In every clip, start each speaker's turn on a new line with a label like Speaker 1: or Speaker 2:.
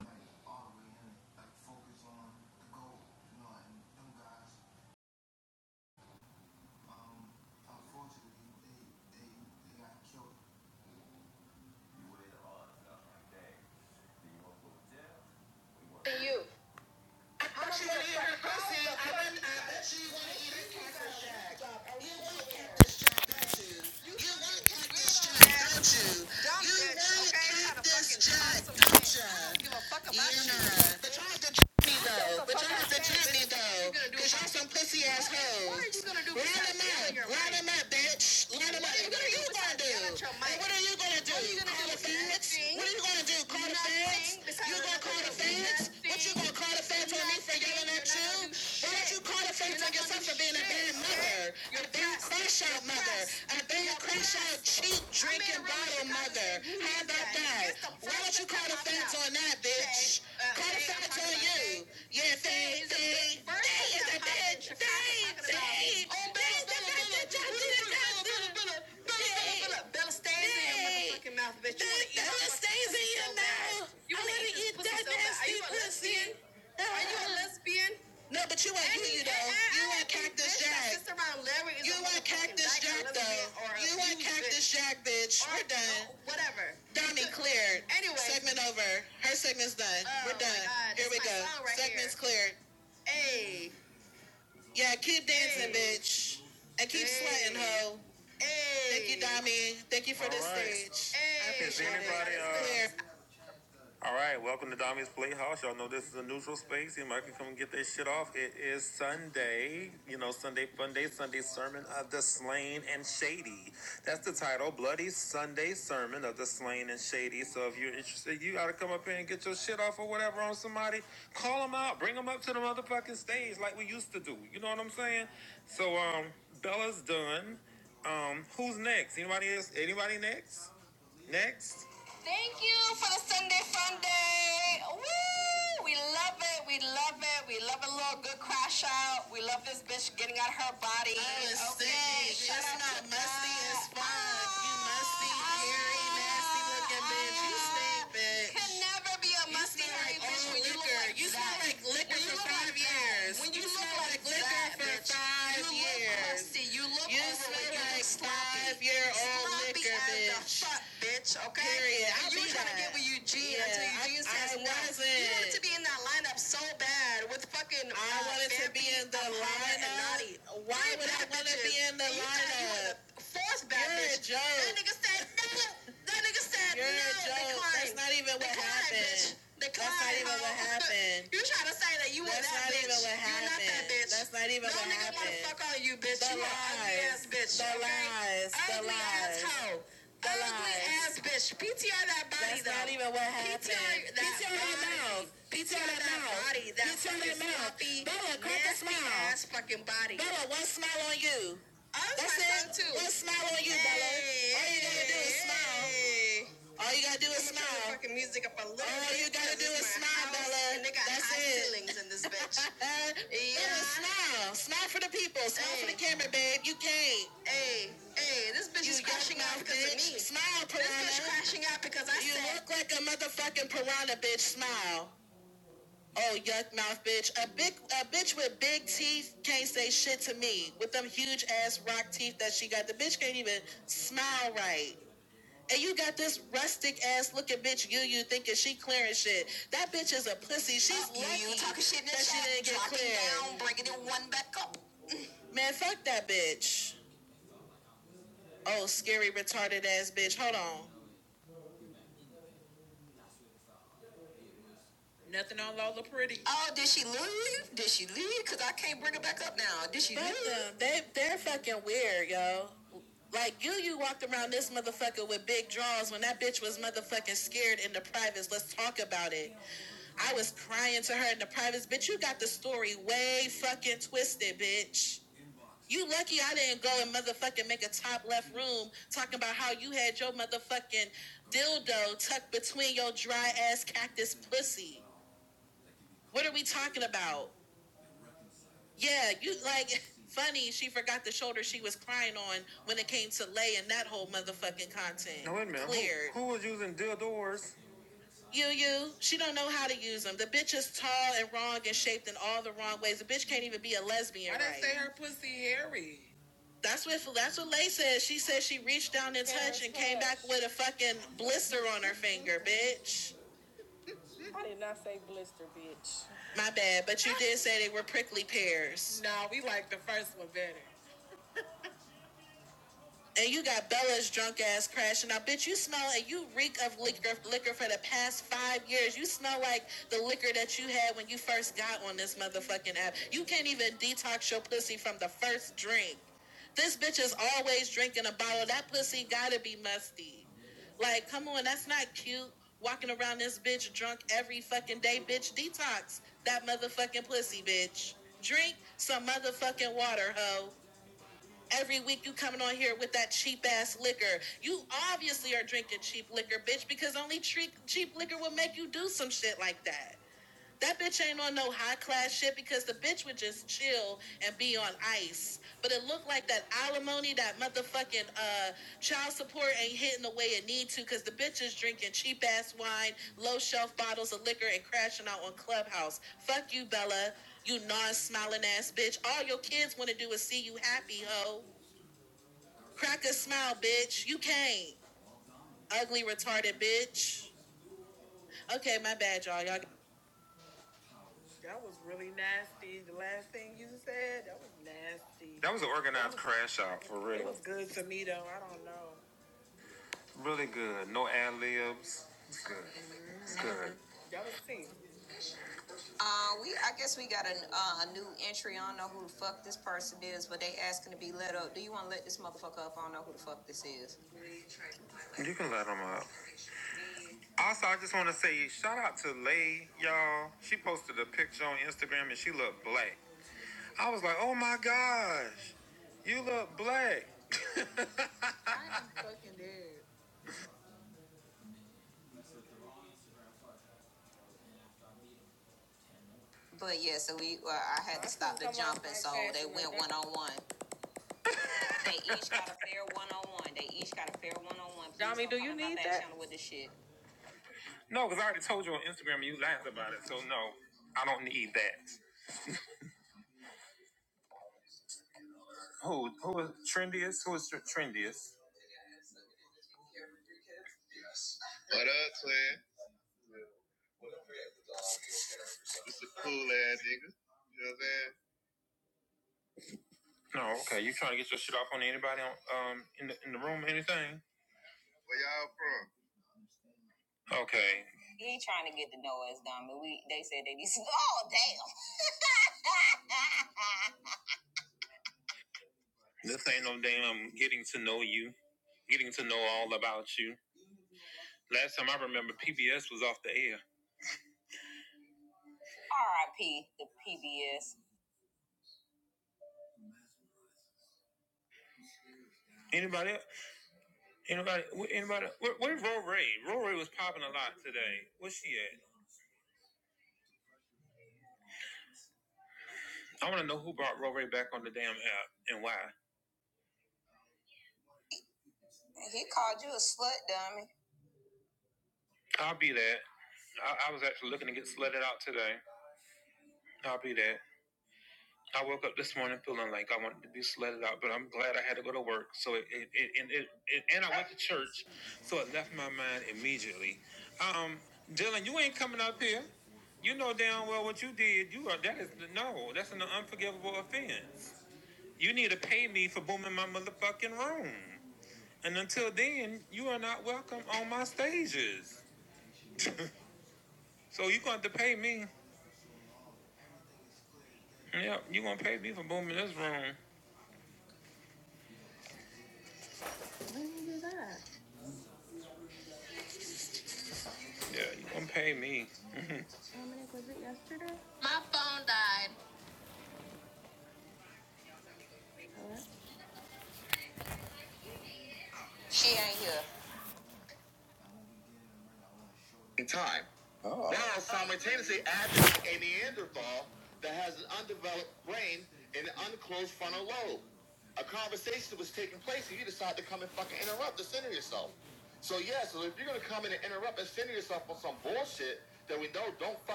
Speaker 1: like like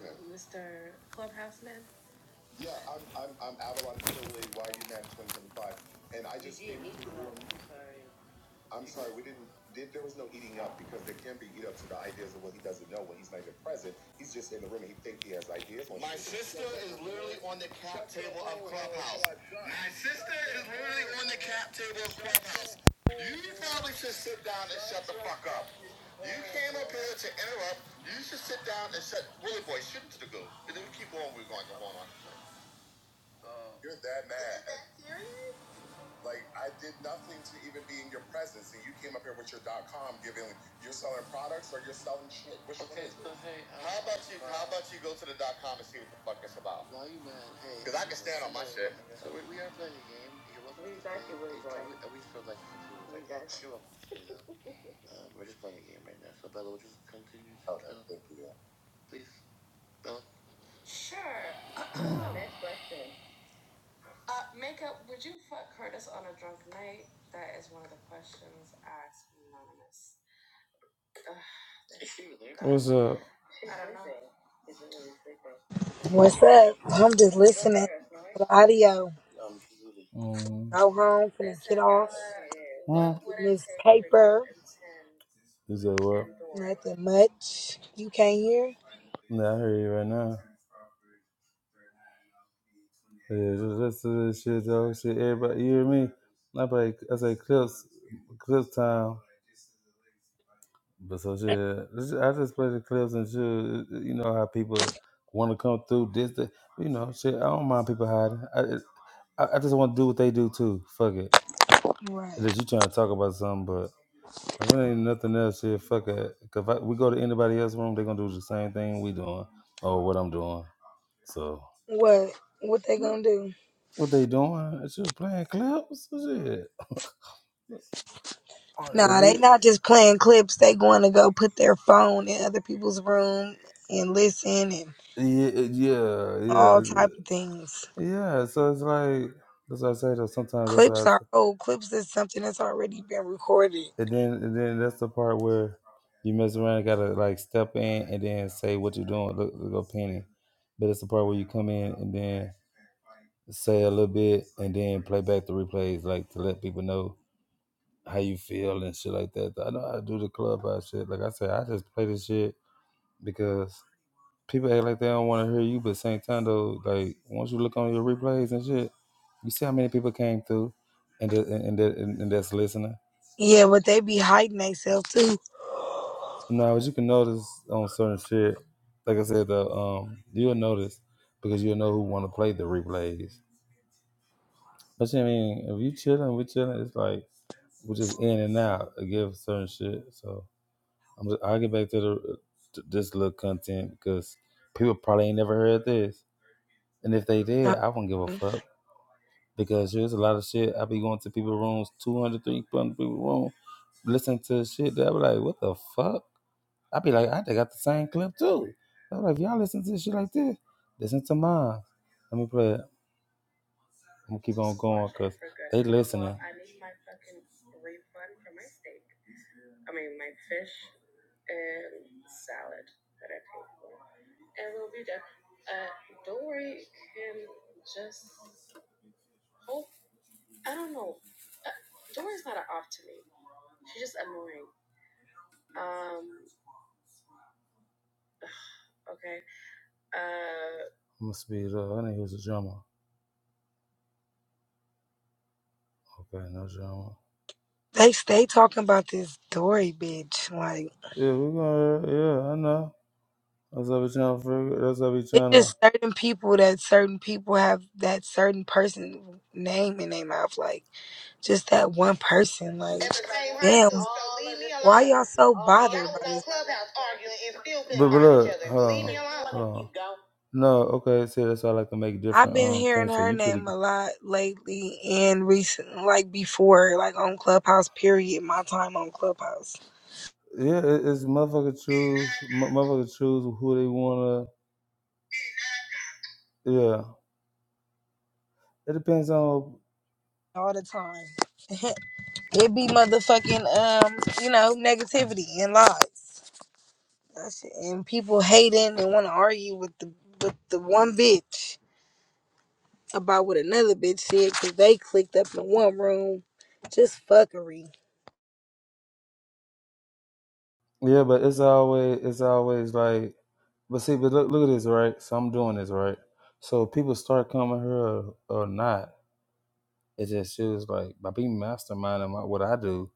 Speaker 1: Okay. Yeah, I'm I'm I'm Avalon Tilly, YUNAM 2025, and I just I'm sorry we didn't did there was no eating up because there can be eat up to the ideas of what he doesn't know when he's not even present. He's just in the room and he thinks he has ideas. You're that mad? Like I did nothing to even be in your presence, and you came up here with your dot com giving you're selling products or you're selling shit. Which one Hmm.
Speaker 2: What's up? I'm just listening to the audio. Go home, finna get off. Getting this paper.
Speaker 1: Well,
Speaker 2: Nothing much. You can't hear?
Speaker 1: I play. I say clips, clips time. But so shit, I just play the clips and shit. You know how people want to come through this, that, you know, shit. I don't mind people hiding. I, it- I, I just want to do what they do too. Fuck it.
Speaker 2: Right.
Speaker 1: Unless you trying to talk about something, but if it ain't nothing else, shit, fuck it. 'Cause If I, we go to anybody else's room, they gonna do the same thing we doing or what I'm doing. So.
Speaker 2: What? What they gonna do?
Speaker 1: What they doing? It's just playing clips and shit. Uh, At
Speaker 2: Nah, they
Speaker 1: least,
Speaker 2: not just playing clips. They going to go put their phone in other people's room and listen and
Speaker 1: yeah, uh, yeah, yeah,
Speaker 2: all
Speaker 1: it's- uh,
Speaker 2: type of things.
Speaker 1: yeah. So it's like that's what I say though. Sometimes that's what I
Speaker 2: Clips are
Speaker 1: say.
Speaker 2: old. Clips is something that's already been recorded.
Speaker 1: And then, and then that's the part where you mess around, gotta like step in and then say what you're doing. Look, look up penny. But it's the part where you come in and then say a little bit and then play back the replays, like to let people know how you feel and shit like that. I know how to do the clubhouse shit. Like I said, I just play this shit because. people act like they don't want to hear you, but at the same time though, like once you look on your replays and shit, you see how many people came through, and the, and, and, that, and, and that's listening.
Speaker 2: Yeah, but they be hiding themselves too.
Speaker 1: Now, as you can notice on certain shit, like I said, the um, you'll notice because you'll know who want to play the replays. But I mean, if you chilling, we chilling. It's like we're just in and out again for certain shit. So I'm just, I'll get back to the to this little content because people probably ain't never heard this, and if they did, I won't give a fuck Because there's a lot of shit. I be going to people's rooms, 200, 300 people's room, listen to shit that I be like, what the? F-? I be like, I think I got to sign up too. I'm like, y'all shit like this. Listen to mine. Let me play it. I'm gonna keep on going because they listening.
Speaker 2: They stay talking about this Dory bitch. Like
Speaker 1: Yeah, yeah, I know. That's what we trying to figure. That's what we
Speaker 2: it's
Speaker 1: trying to.
Speaker 2: just certain people that certain people have that certain person name in their mouth. Like just that one person. Like damn, why y'all so bothered by this?
Speaker 1: But, but look, hold on. No, okay. See, that's why I like to make
Speaker 2: I've
Speaker 1: different
Speaker 2: been
Speaker 1: um
Speaker 2: hearing
Speaker 1: things. So
Speaker 2: her
Speaker 1: you pretty.
Speaker 2: name a
Speaker 1: good.
Speaker 2: lot lately and recent, like before, like on Clubhouse. Period. My time on Clubhouse
Speaker 1: Yeah, it, it's motherfucker choose. m- motherfucker choose who they wanna. Yeah, it depends on.
Speaker 2: all the time. it be motherfucking um, you know, negativity and lies. That's it. And people hating and want to argue with the with the one bitch about what another bitch said because they clicked up in one room. Just fuckery,
Speaker 1: Yeah, but it's always it's always like but see, but look look at this, right? So I'm doing this, right? So people start coming here or, or not. It just feels like by being masterminding my, what I do,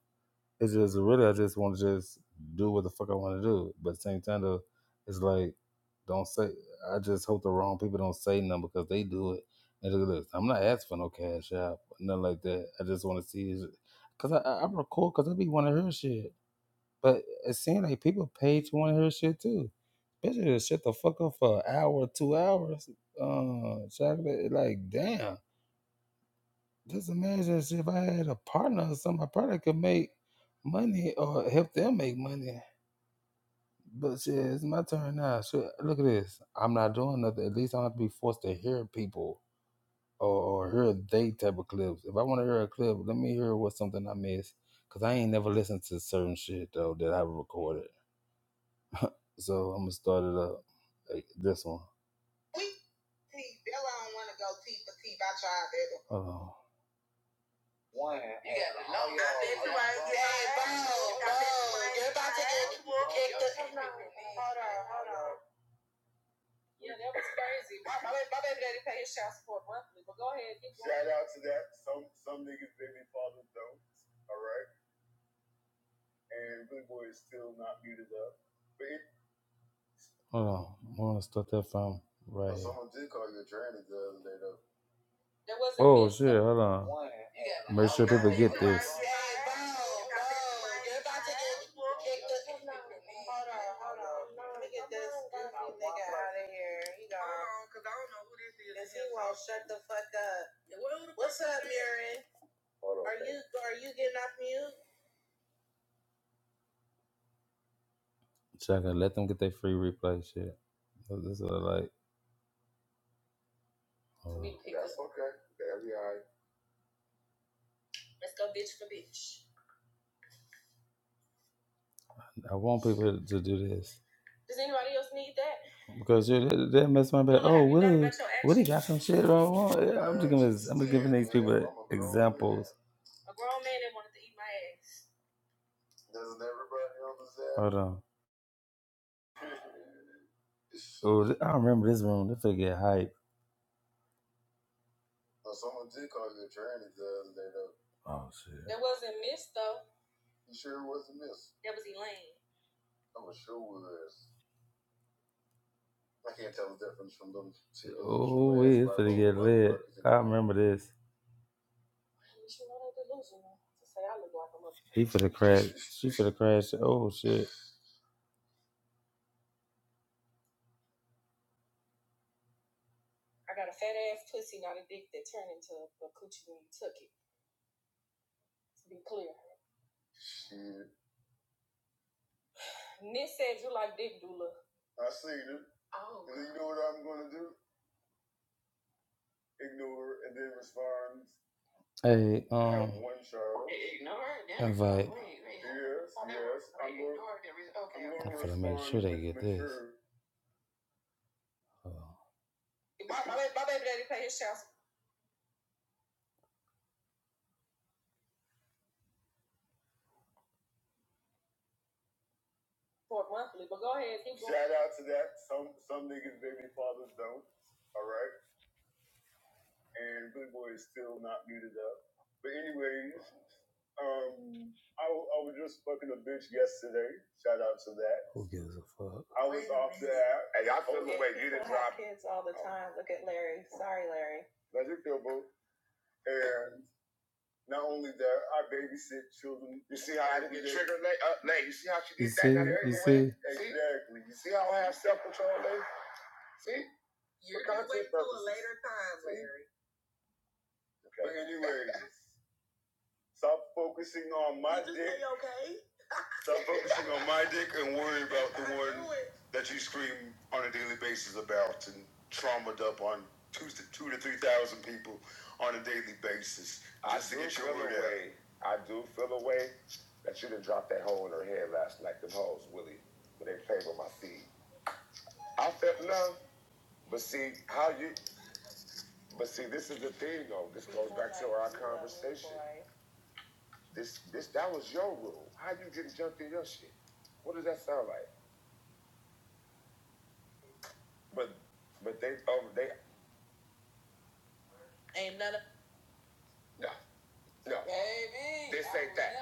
Speaker 1: it's just really I just want to just do what the fuck I want to do. But at the same time though, it's like don't say I just hope the wrong people don't say nothing because they do it. And look at this. I'm not asking for no cash out, nothing like that. I just want to see, is- cause I, I I record, cause I be want to hear shit. But it seems like people pay to want to hear shit too. Bitches just shut the fuck up for an hour, two hours. Uh, chocolate, like damn. Just imagine if I had a partner or something, I probably could make money or help them make money. But shit, it's my turn now. Shit, look at this. I'm not doing nothing. At least I don't have to be forced to hear people or, or hear they type of clips. If I want to hear a clip, let me hear what something I missed. Cause I ain't never listened to certain shit though that I recorded. So I'm gonna start it up. Hey, This one. Oh. Mercy. Oh. I want people to do this because you that that mess my back. Shit, I want. yeah, I'm just giving. I'm just giving these people examples. Hold on. Oh, th- remember this. He for the crash. She for the crash. Oh shit. Um. Invite. I'm make sure. only there, I babysit children. Mm. See how I have two to two to three thousand people on a daily basis. I see. to I do feel a way that you didn't drop that hole in her head last night. Them hoes, Willie, when they played with my feet. I felt love, but see how you. But see, this is the thing, though. This goes back to our conversation. This, this, that was your rule. How you getting jumped in your shit? What does that sound like? But, but they, um, they, no, no, this ain't that.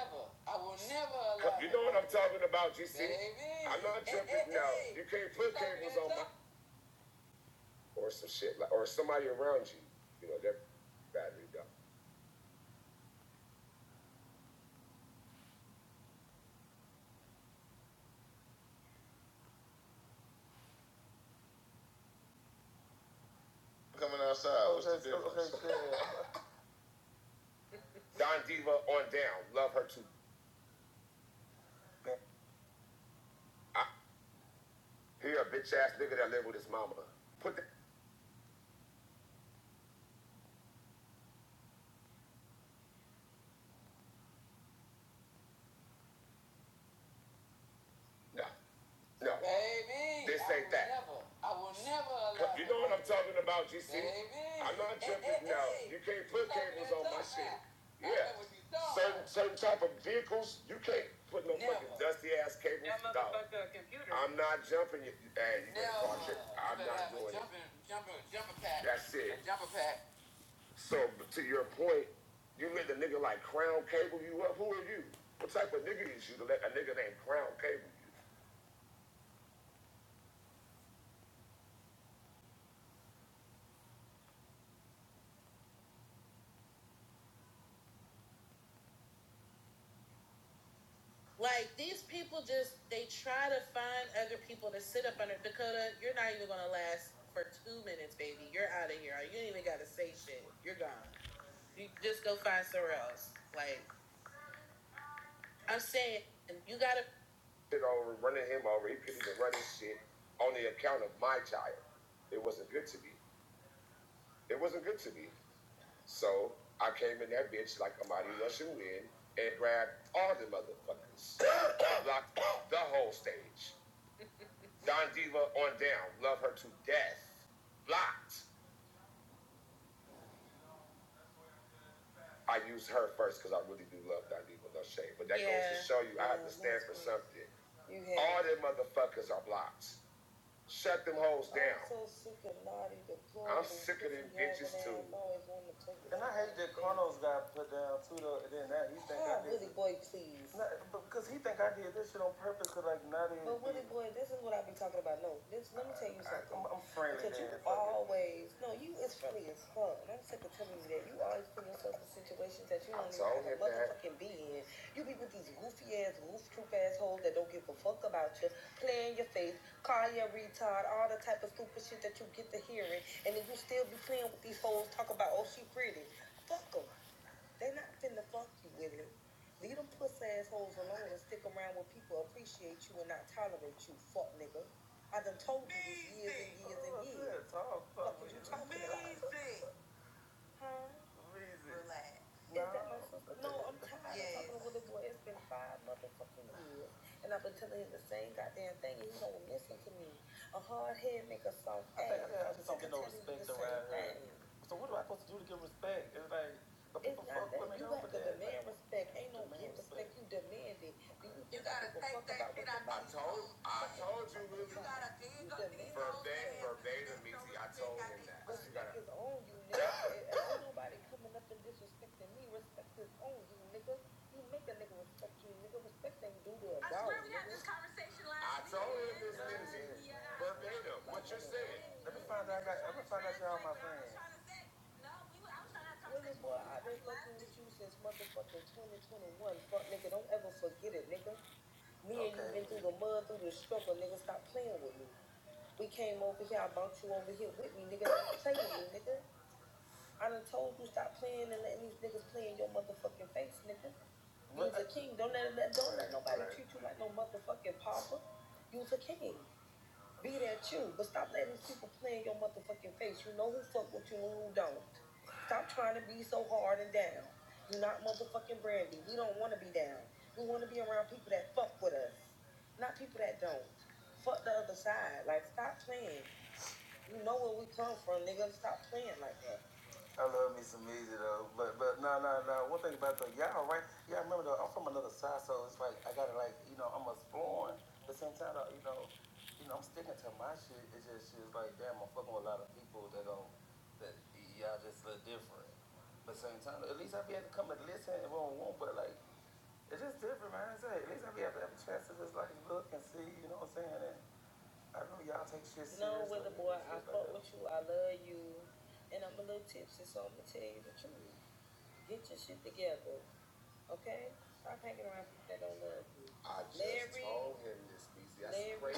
Speaker 1: You know what I'm talking about, GC? I'm not tripping now. You can't put cables on my or some shit like or somebody around you. You know, they're battery dumb. Don Diva on down. Love her too. I hear a bitch ass nigga that live with his mama. Put the no, no, this ain't that. you know what I'm talking about, GC? I'm not tripping now. You can't put cables on my shit. Yeah. Certain certain type of vehicles, you can't put no fucking dusty ass cables. I'm not jumping you. Hey, you better No, watch it. I'm you not have doing it. That's it. So to your point, you let the nigga like Crown Cable you up. Who are you? What type of nigga is you to let a nigga named Crown Cable you? Shit over running him over. He couldn't even run his shit on the account of my child. It wasn't good to me. It wasn't good to me. So I came in that bitch like a mighty Russian wind and grabbed all the motherfuckers. Blocked the whole stage. Don Diva on down. Love her today. I hate that Carlos got put down too though, and then that he think not- because he think I did this shit on purpose. Cause like not even. Nah. I love me some music though, but but no no no. One thing about the y'all right, y'all remember though. I'm from another side, so it's like I gotta like you know I'm exploring. At the same time, though, you know, you know I'm sticking to my shit. It's just shit like damn, I'm fucking with a lot of people that don't that y'all just look different. But at the same time, at least I be able to come and listen if I don't want. But like It's just different, man. It's like, at least I be able to have a chance to just like look and see, you know what I'm saying? And I know y'all take shit seriously. seriously. whether boy I like fuck with you or you and I'm a little tipsy, so I'm gonna tell you the truth. Get your shit together. I'm hanging around people that don't love you. I just Larry. told him this, BC. That's Larry.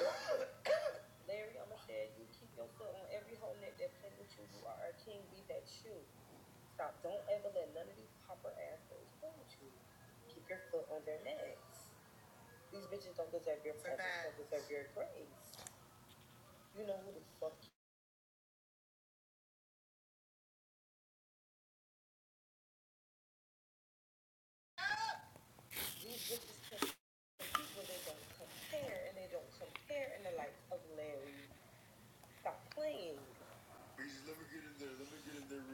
Speaker 1: Let me get in there. let me get in there.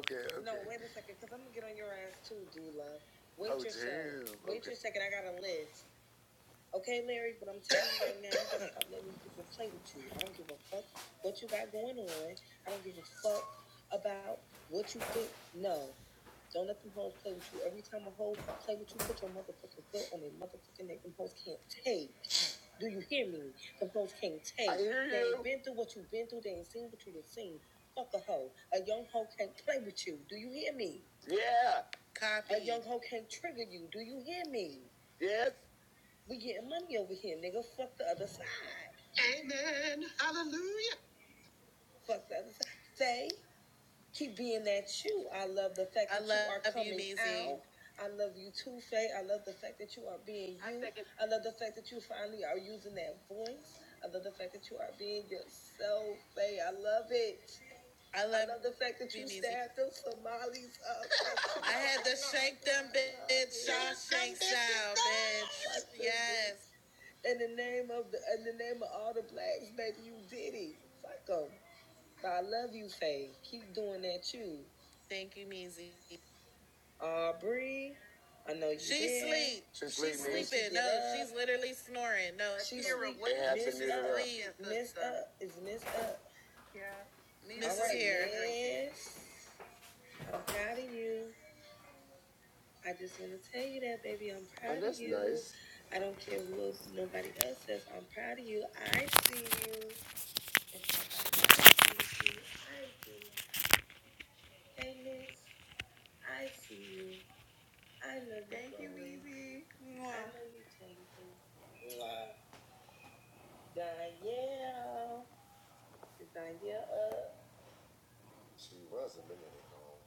Speaker 1: Okay. okay. Uh, I know She's this watching is messed up. It's messed up. Yes, I'm proud of you. I just want to tell you that, baby. I'm proud Oh, that's of you. nice. I don't care what nobody else says. I'm proud of you. I see you. If nobody else you, I do. Amen. I see you. I love love you, Jason. Danielle. Is Danielle up? She was a minute ago.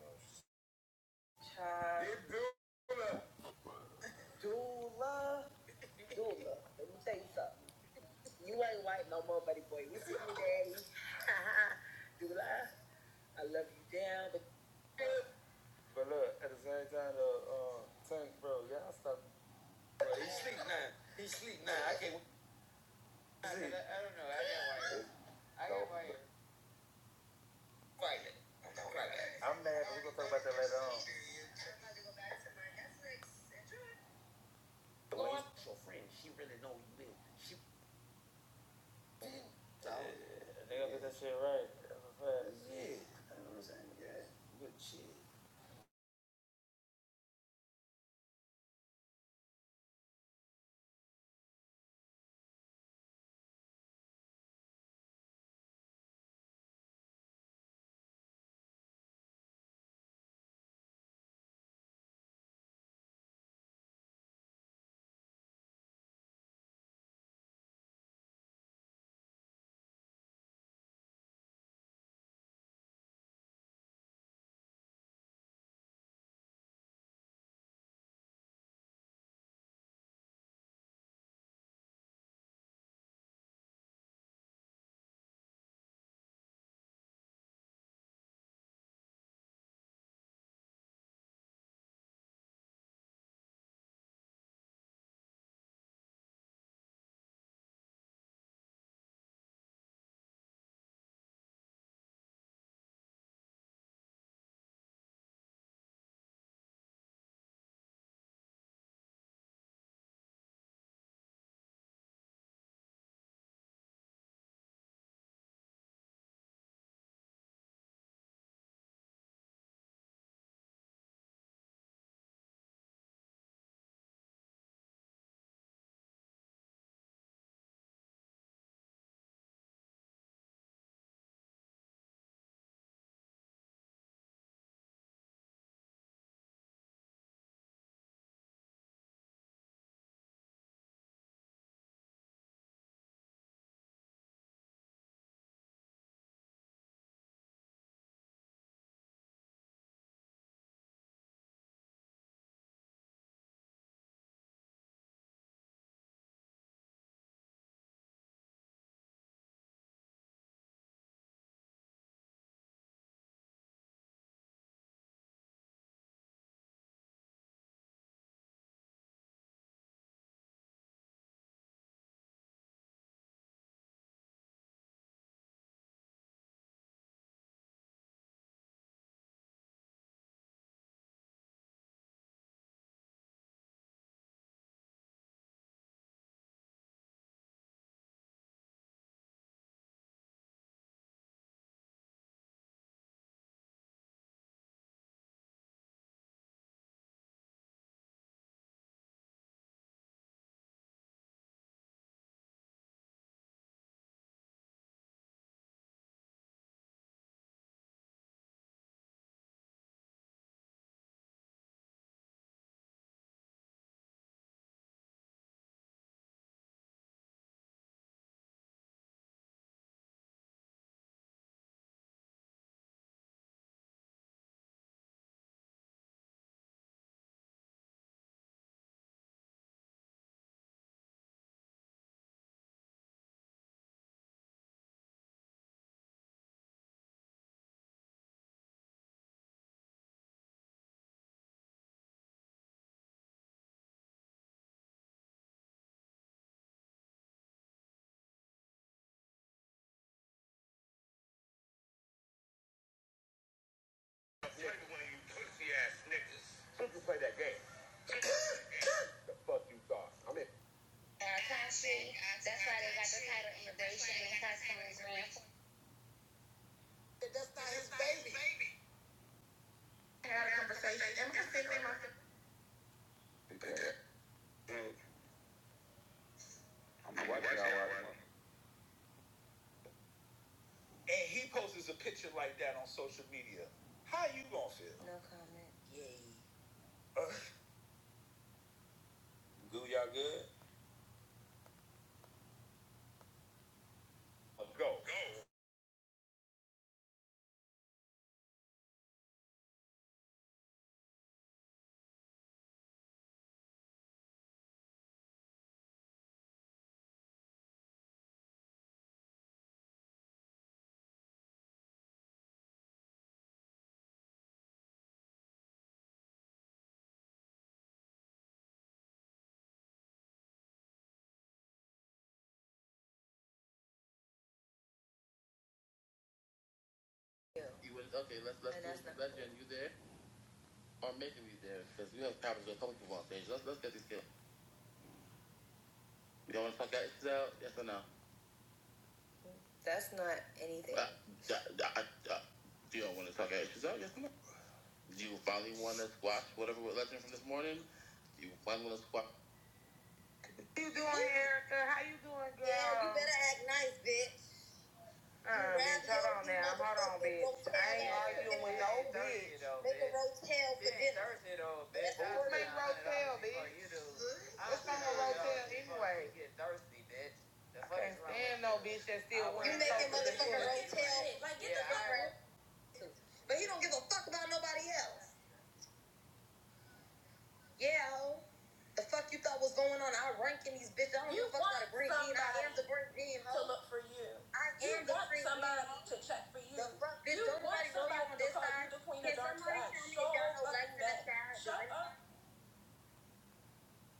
Speaker 1: I got one. I'm watching y'all right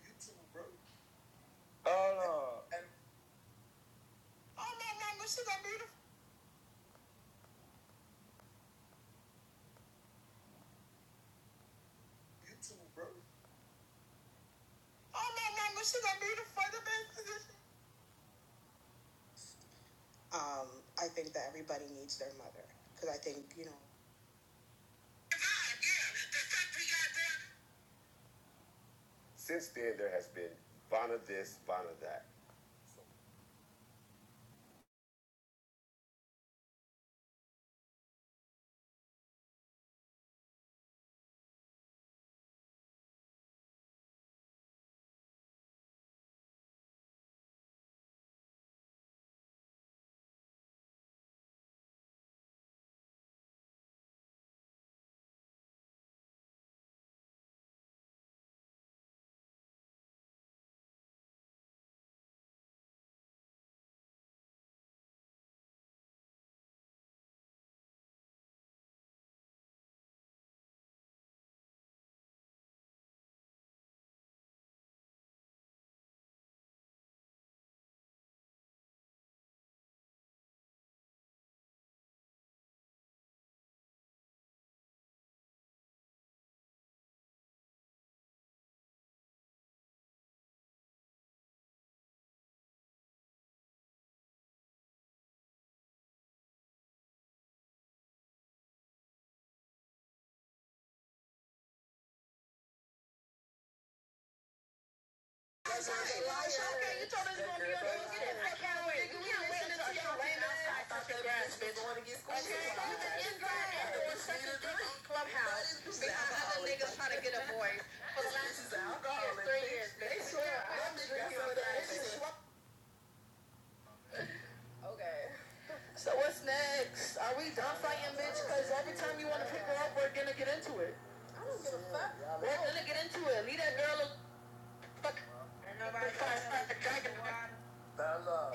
Speaker 1: You too, bro. Uh, and since then, there has been Vanna this, Vanna that. Bella.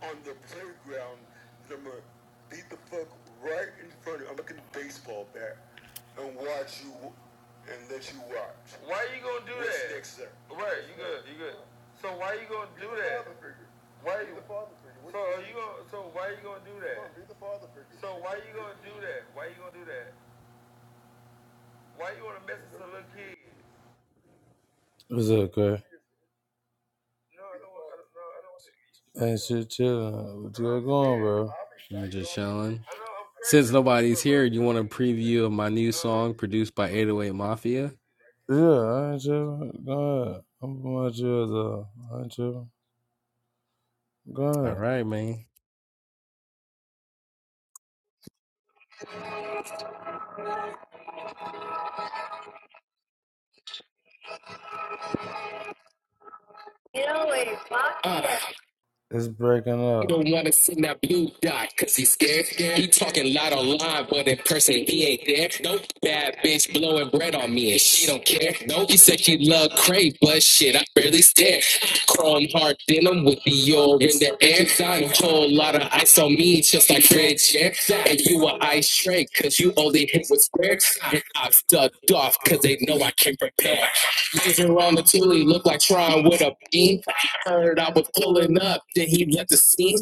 Speaker 1: on the playground, and I'm gonna beat the fuck right in front of you. I'm looking at the baseball bat and watch you and let you watch. Okay. No, I don't want to, bro. I don't want to. Hey, shit, chill. What you got going, bro?
Speaker 3: I'm Just chilling. Since nobody's here, you want a preview of my new song produced by 808 Mafia?
Speaker 1: Yeah, I ain't tripping. Go ahead. I'm going to chill, though. I ain't tripping. Go
Speaker 3: All
Speaker 1: ahead.
Speaker 3: right, man. You Mafia. He don't wanna send that blue dot, cause he's scared. He talking loud online, but in person he ain't there. No Bad bitch blowing bread on me and she don't care. No, He said she love crave, but shit, I barely stare. Chrome hard denim with the Dior in the air. Done whole lot of ice on me, just like Fred Chair. And you a ice tray, cause you only hit with squares. And I've ducked off, cause they know I can't prepare. Niggas around the Thule look like Tron with a beam heard I was pulling up, then he left the scene.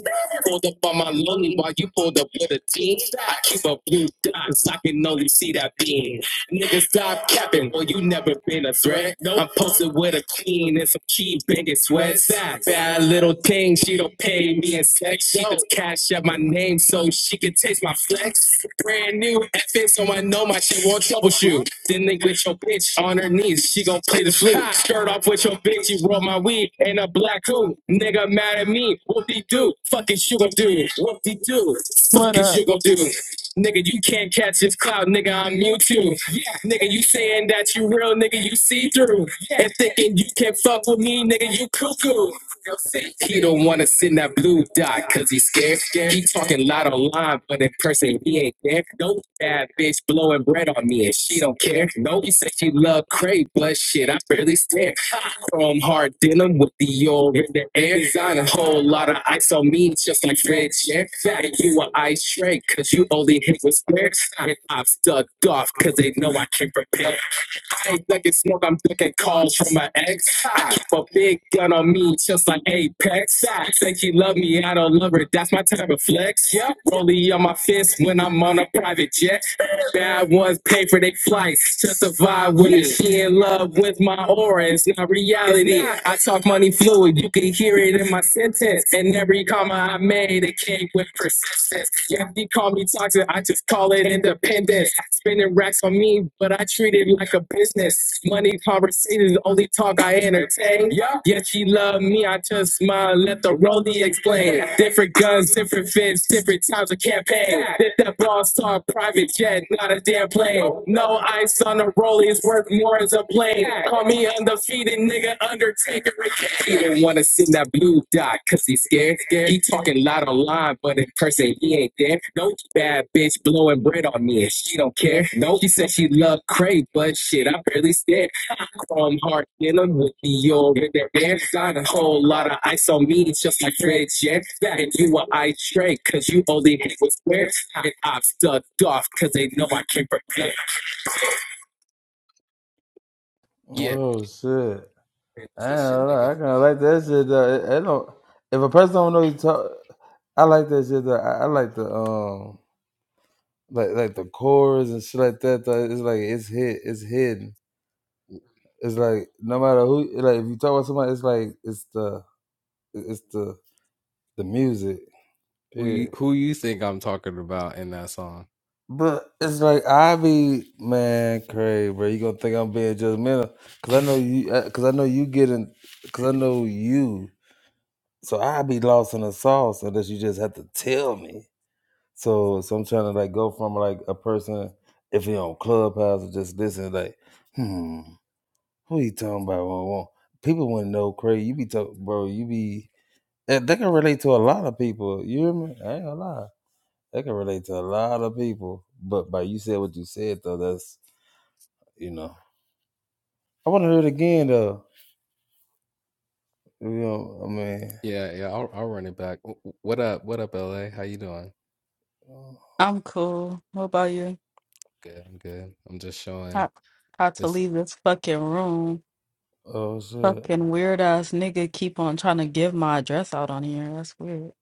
Speaker 3: Pulled up on my lonely while you pulled up with a team. I keep a blue dot, so I can only see that beam. Nigga, stop capping. Well, you never been a threat. Nope. I'm posted with a queen and some key banging sweats. Facts. Bad little thing, she don't pay me in sex. She just cash up my name so she can taste my flex. Brand new FN, so I know my shit won't troubleshoot. Then they with your bitch on her knees, she gon' play the flute. Skirt off with your bitch, you roll my weed in a black hood. Nigga mad at me, whoop de doo. Fuck is you gon' do? Whoop de doo.
Speaker 4: What
Speaker 3: Fuck is
Speaker 4: up?
Speaker 3: you gon' do? Nigga, you can't catch this cloud, nigga. I'm YouTube. Yeah. Nigga, you saying that you real, nigga, you see through. And thinking you can fuck with me, nigga, you cuckoo. He don't wanna sit in that blue dot, cause he's scared. scared. He talking loud online, but in person he ain't there. No bad bitch blowing bread on me and she don't care. No, he said she love Craig, but shit, I barely stare. Chrome hard denim with the old in the air. Design a whole lot of ISO means just like Fred Check. Fatty, you an ice tray, cause you only hit with squares. I've stuck off, cause they know I can't prepare. I ain't ducking smoke, I'm ducking calls from my ex. I keep a big gun on me, just like Apex. I say she love me, I don't love her, that's my type of flex. Yeah. Rollie on my fist when I'm on a private jet. Bad ones pay for their flights just to vibe with it. She in love with my aura, it's not reality. I talk money fluid, you can hear it in my sentence. And every comma I made, it came with persistence. Yeah, you call me toxic, I just call it independence. Spending racks on me, but I treat it like a business. Money conversations, only talk I entertain. Yeah, yeah, she love me, I just smile, let the rollie me explain Different guns, different fits, different times of campaign. Did that boss talk, private jet, not a damn plane. No ice on the rollies, worth more as a plane. Call me undefeated, nigga, Undertaker. He didn't want to send that blue dot, cause he scared, scared. He talking loud online, but in person he ain't there. No bad bitch blowing bread on me, and she don't care. No, she said she loved Craig, but shit, I barely stared on hard dealing with the old There's got a whole lot of ice on me, it's just like Fred Jet. That and you are ice straight, cause you only hit with squares. And I've stuck off, cause they know I can not protect. Yeah.
Speaker 1: Oh, shit. I ain't gonna lie, I kind of like that shit. Though. It, it don't, if a person don't know you talk, I like that shit. Though. I, I like the um, like like the chorus and shit like that. Though. It's like it's hid, it's hidden. It's like no matter who, like if you talk about somebody, it's like it's the it's the the music. Yeah,
Speaker 3: We, who you think I'm talking about in that song?
Speaker 1: but it's like I be man crazy, bro. You gonna think I'm being judgmental? Cause I know you, uh, cause I know you getting, cause I know you. So I be lost in the sauce unless you just have to tell me. So, so I'm trying to like go from like a person if he on Clubhouse or just listen like, hmm, who you talking about? Well, well, people wouldn't know Craig. You be talking, bro. You be eh, they can relate to a lot of people. You hear me? I ain't gonna lie. They can relate to a lot of people. But by you said what you said though, that's you know. I want to hear it again though. You know, I mean,
Speaker 3: Yeah, yeah, I'll I'll run it back. W- w- What up? What up, LA? How you doing?
Speaker 4: I'm cool. What about you?
Speaker 3: Good, I'm good. I'm just showing
Speaker 4: How, how to
Speaker 3: this
Speaker 4: leave this fucking room? Fucking weird ass nigga keep on trying to give my address out on here. That's weird.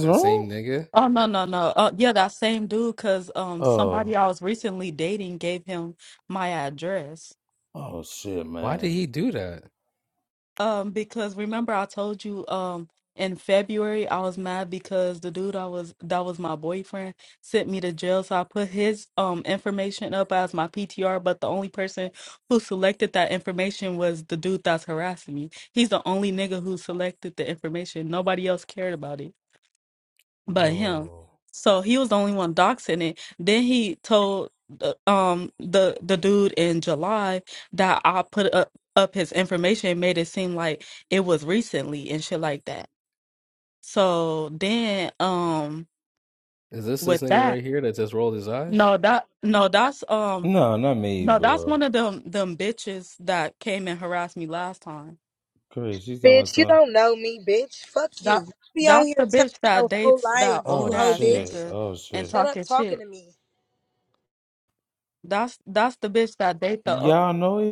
Speaker 3: that same nigga.
Speaker 4: Oh no no no. Uh, yeah, that same dude. Cause um, somebody I was recently dating gave him my address.
Speaker 1: oh shit,
Speaker 3: Why did
Speaker 1: man.
Speaker 3: he do that?
Speaker 4: Um, because remember I told you um in February I was mad because the dude I was that was my boyfriend sent me to jail. So I put his um information up as my PTR, but the only person who selected that information was the dude that's harassing me. He's the only nigga who selected the information. Nobody else cared about it but him.
Speaker 3: Oh,
Speaker 4: So he was the only one doxing it. Then he told the um the the dude in July that I put up up his information and made it seem like it was recently and shit like that. So then um
Speaker 3: is this
Speaker 4: with
Speaker 3: this nigga
Speaker 4: that
Speaker 3: right here that just rolled his eyes?
Speaker 4: no that no that's um
Speaker 1: No, not me,
Speaker 4: no that's
Speaker 1: bro.
Speaker 4: one of them them bitches that came and harassed me last time.
Speaker 1: Craig, she's talking about
Speaker 2: bitch. You
Speaker 1: something.
Speaker 2: don't know me, bitch. Fuck
Speaker 4: That
Speaker 2: you. Be on
Speaker 4: that's the
Speaker 2: here telling
Speaker 4: bitch that
Speaker 2: your whole
Speaker 4: dates that
Speaker 2: life,
Speaker 4: old
Speaker 2: you
Speaker 1: Oh
Speaker 2: hoe
Speaker 4: ass
Speaker 1: shit.
Speaker 2: bitch.
Speaker 4: nigga
Speaker 1: Oh
Speaker 4: and
Speaker 1: shit.
Speaker 2: Shut up
Speaker 4: talking
Speaker 2: talking
Speaker 4: shit.
Speaker 2: to me.
Speaker 4: That's that's the bitch that date the
Speaker 1: Y'all know it.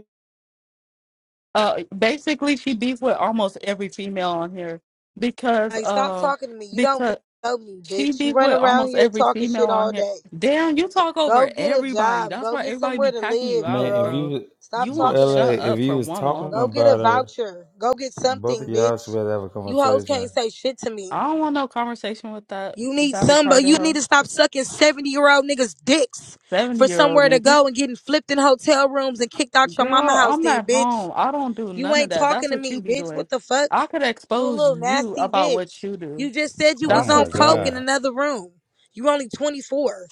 Speaker 4: uh basically she beef with almost every female on here because
Speaker 2: Like stop
Speaker 4: uh
Speaker 2: talking to me. You don't
Speaker 4: because
Speaker 2: know me,
Speaker 4: she
Speaker 2: bitch. You
Speaker 4: beef
Speaker 2: run
Speaker 4: with
Speaker 2: around
Speaker 4: almost
Speaker 2: here
Speaker 4: every
Speaker 2: talking
Speaker 4: female
Speaker 2: shit
Speaker 4: on
Speaker 2: all
Speaker 4: here.
Speaker 2: day.
Speaker 4: Damn, you talk
Speaker 2: Go
Speaker 4: over
Speaker 2: get a
Speaker 4: everybody.
Speaker 2: job.
Speaker 4: That's
Speaker 2: Go
Speaker 4: why
Speaker 2: get
Speaker 4: everybody
Speaker 2: somewhere
Speaker 4: be
Speaker 2: to
Speaker 4: packing you
Speaker 2: live,
Speaker 1: Man,
Speaker 4: out,
Speaker 1: if
Speaker 2: girl.
Speaker 4: bro.
Speaker 1: you
Speaker 2: Stop
Speaker 4: You
Speaker 1: but
Speaker 4: won't
Speaker 2: talking to
Speaker 1: LA,
Speaker 4: shut
Speaker 2: me.
Speaker 1: if
Speaker 4: up
Speaker 1: you
Speaker 4: for
Speaker 1: was
Speaker 4: one
Speaker 1: talking
Speaker 2: Go
Speaker 4: moment.
Speaker 2: get a
Speaker 1: about her,
Speaker 2: voucher. Go get
Speaker 1: both of
Speaker 2: something,
Speaker 1: y'all should
Speaker 2: bitch.
Speaker 1: be able to have a
Speaker 2: You hoes
Speaker 1: conversation.
Speaker 2: can't say shit to me.
Speaker 4: I don't want no conversation with that
Speaker 2: You need
Speaker 4: that
Speaker 2: somebody.
Speaker 4: retarded
Speaker 2: You
Speaker 4: hoe.
Speaker 2: need to stop sucking 70 year old niggas' dicks
Speaker 4: Seventy
Speaker 2: for
Speaker 4: year old
Speaker 2: somewhere to
Speaker 4: nigga.
Speaker 2: go and getting flipped in hotel rooms and kicked out your mama
Speaker 4: Girl,
Speaker 2: house,
Speaker 4: I'm
Speaker 2: then,
Speaker 4: at
Speaker 2: bitch.
Speaker 4: home. I don't do
Speaker 2: You
Speaker 4: none of
Speaker 2: ain't
Speaker 4: that. That's
Speaker 2: talking to
Speaker 4: what you
Speaker 2: me,
Speaker 4: be
Speaker 2: bitch.
Speaker 4: doing.
Speaker 2: What the fuck?
Speaker 4: I could
Speaker 2: You a
Speaker 4: expose
Speaker 2: little
Speaker 4: you
Speaker 2: nasty
Speaker 4: about what
Speaker 2: bitch.
Speaker 4: you
Speaker 2: You
Speaker 4: do.
Speaker 2: just said you was
Speaker 4: That's
Speaker 2: on
Speaker 4: what you
Speaker 2: coke
Speaker 4: do.
Speaker 2: in another room. You only 24.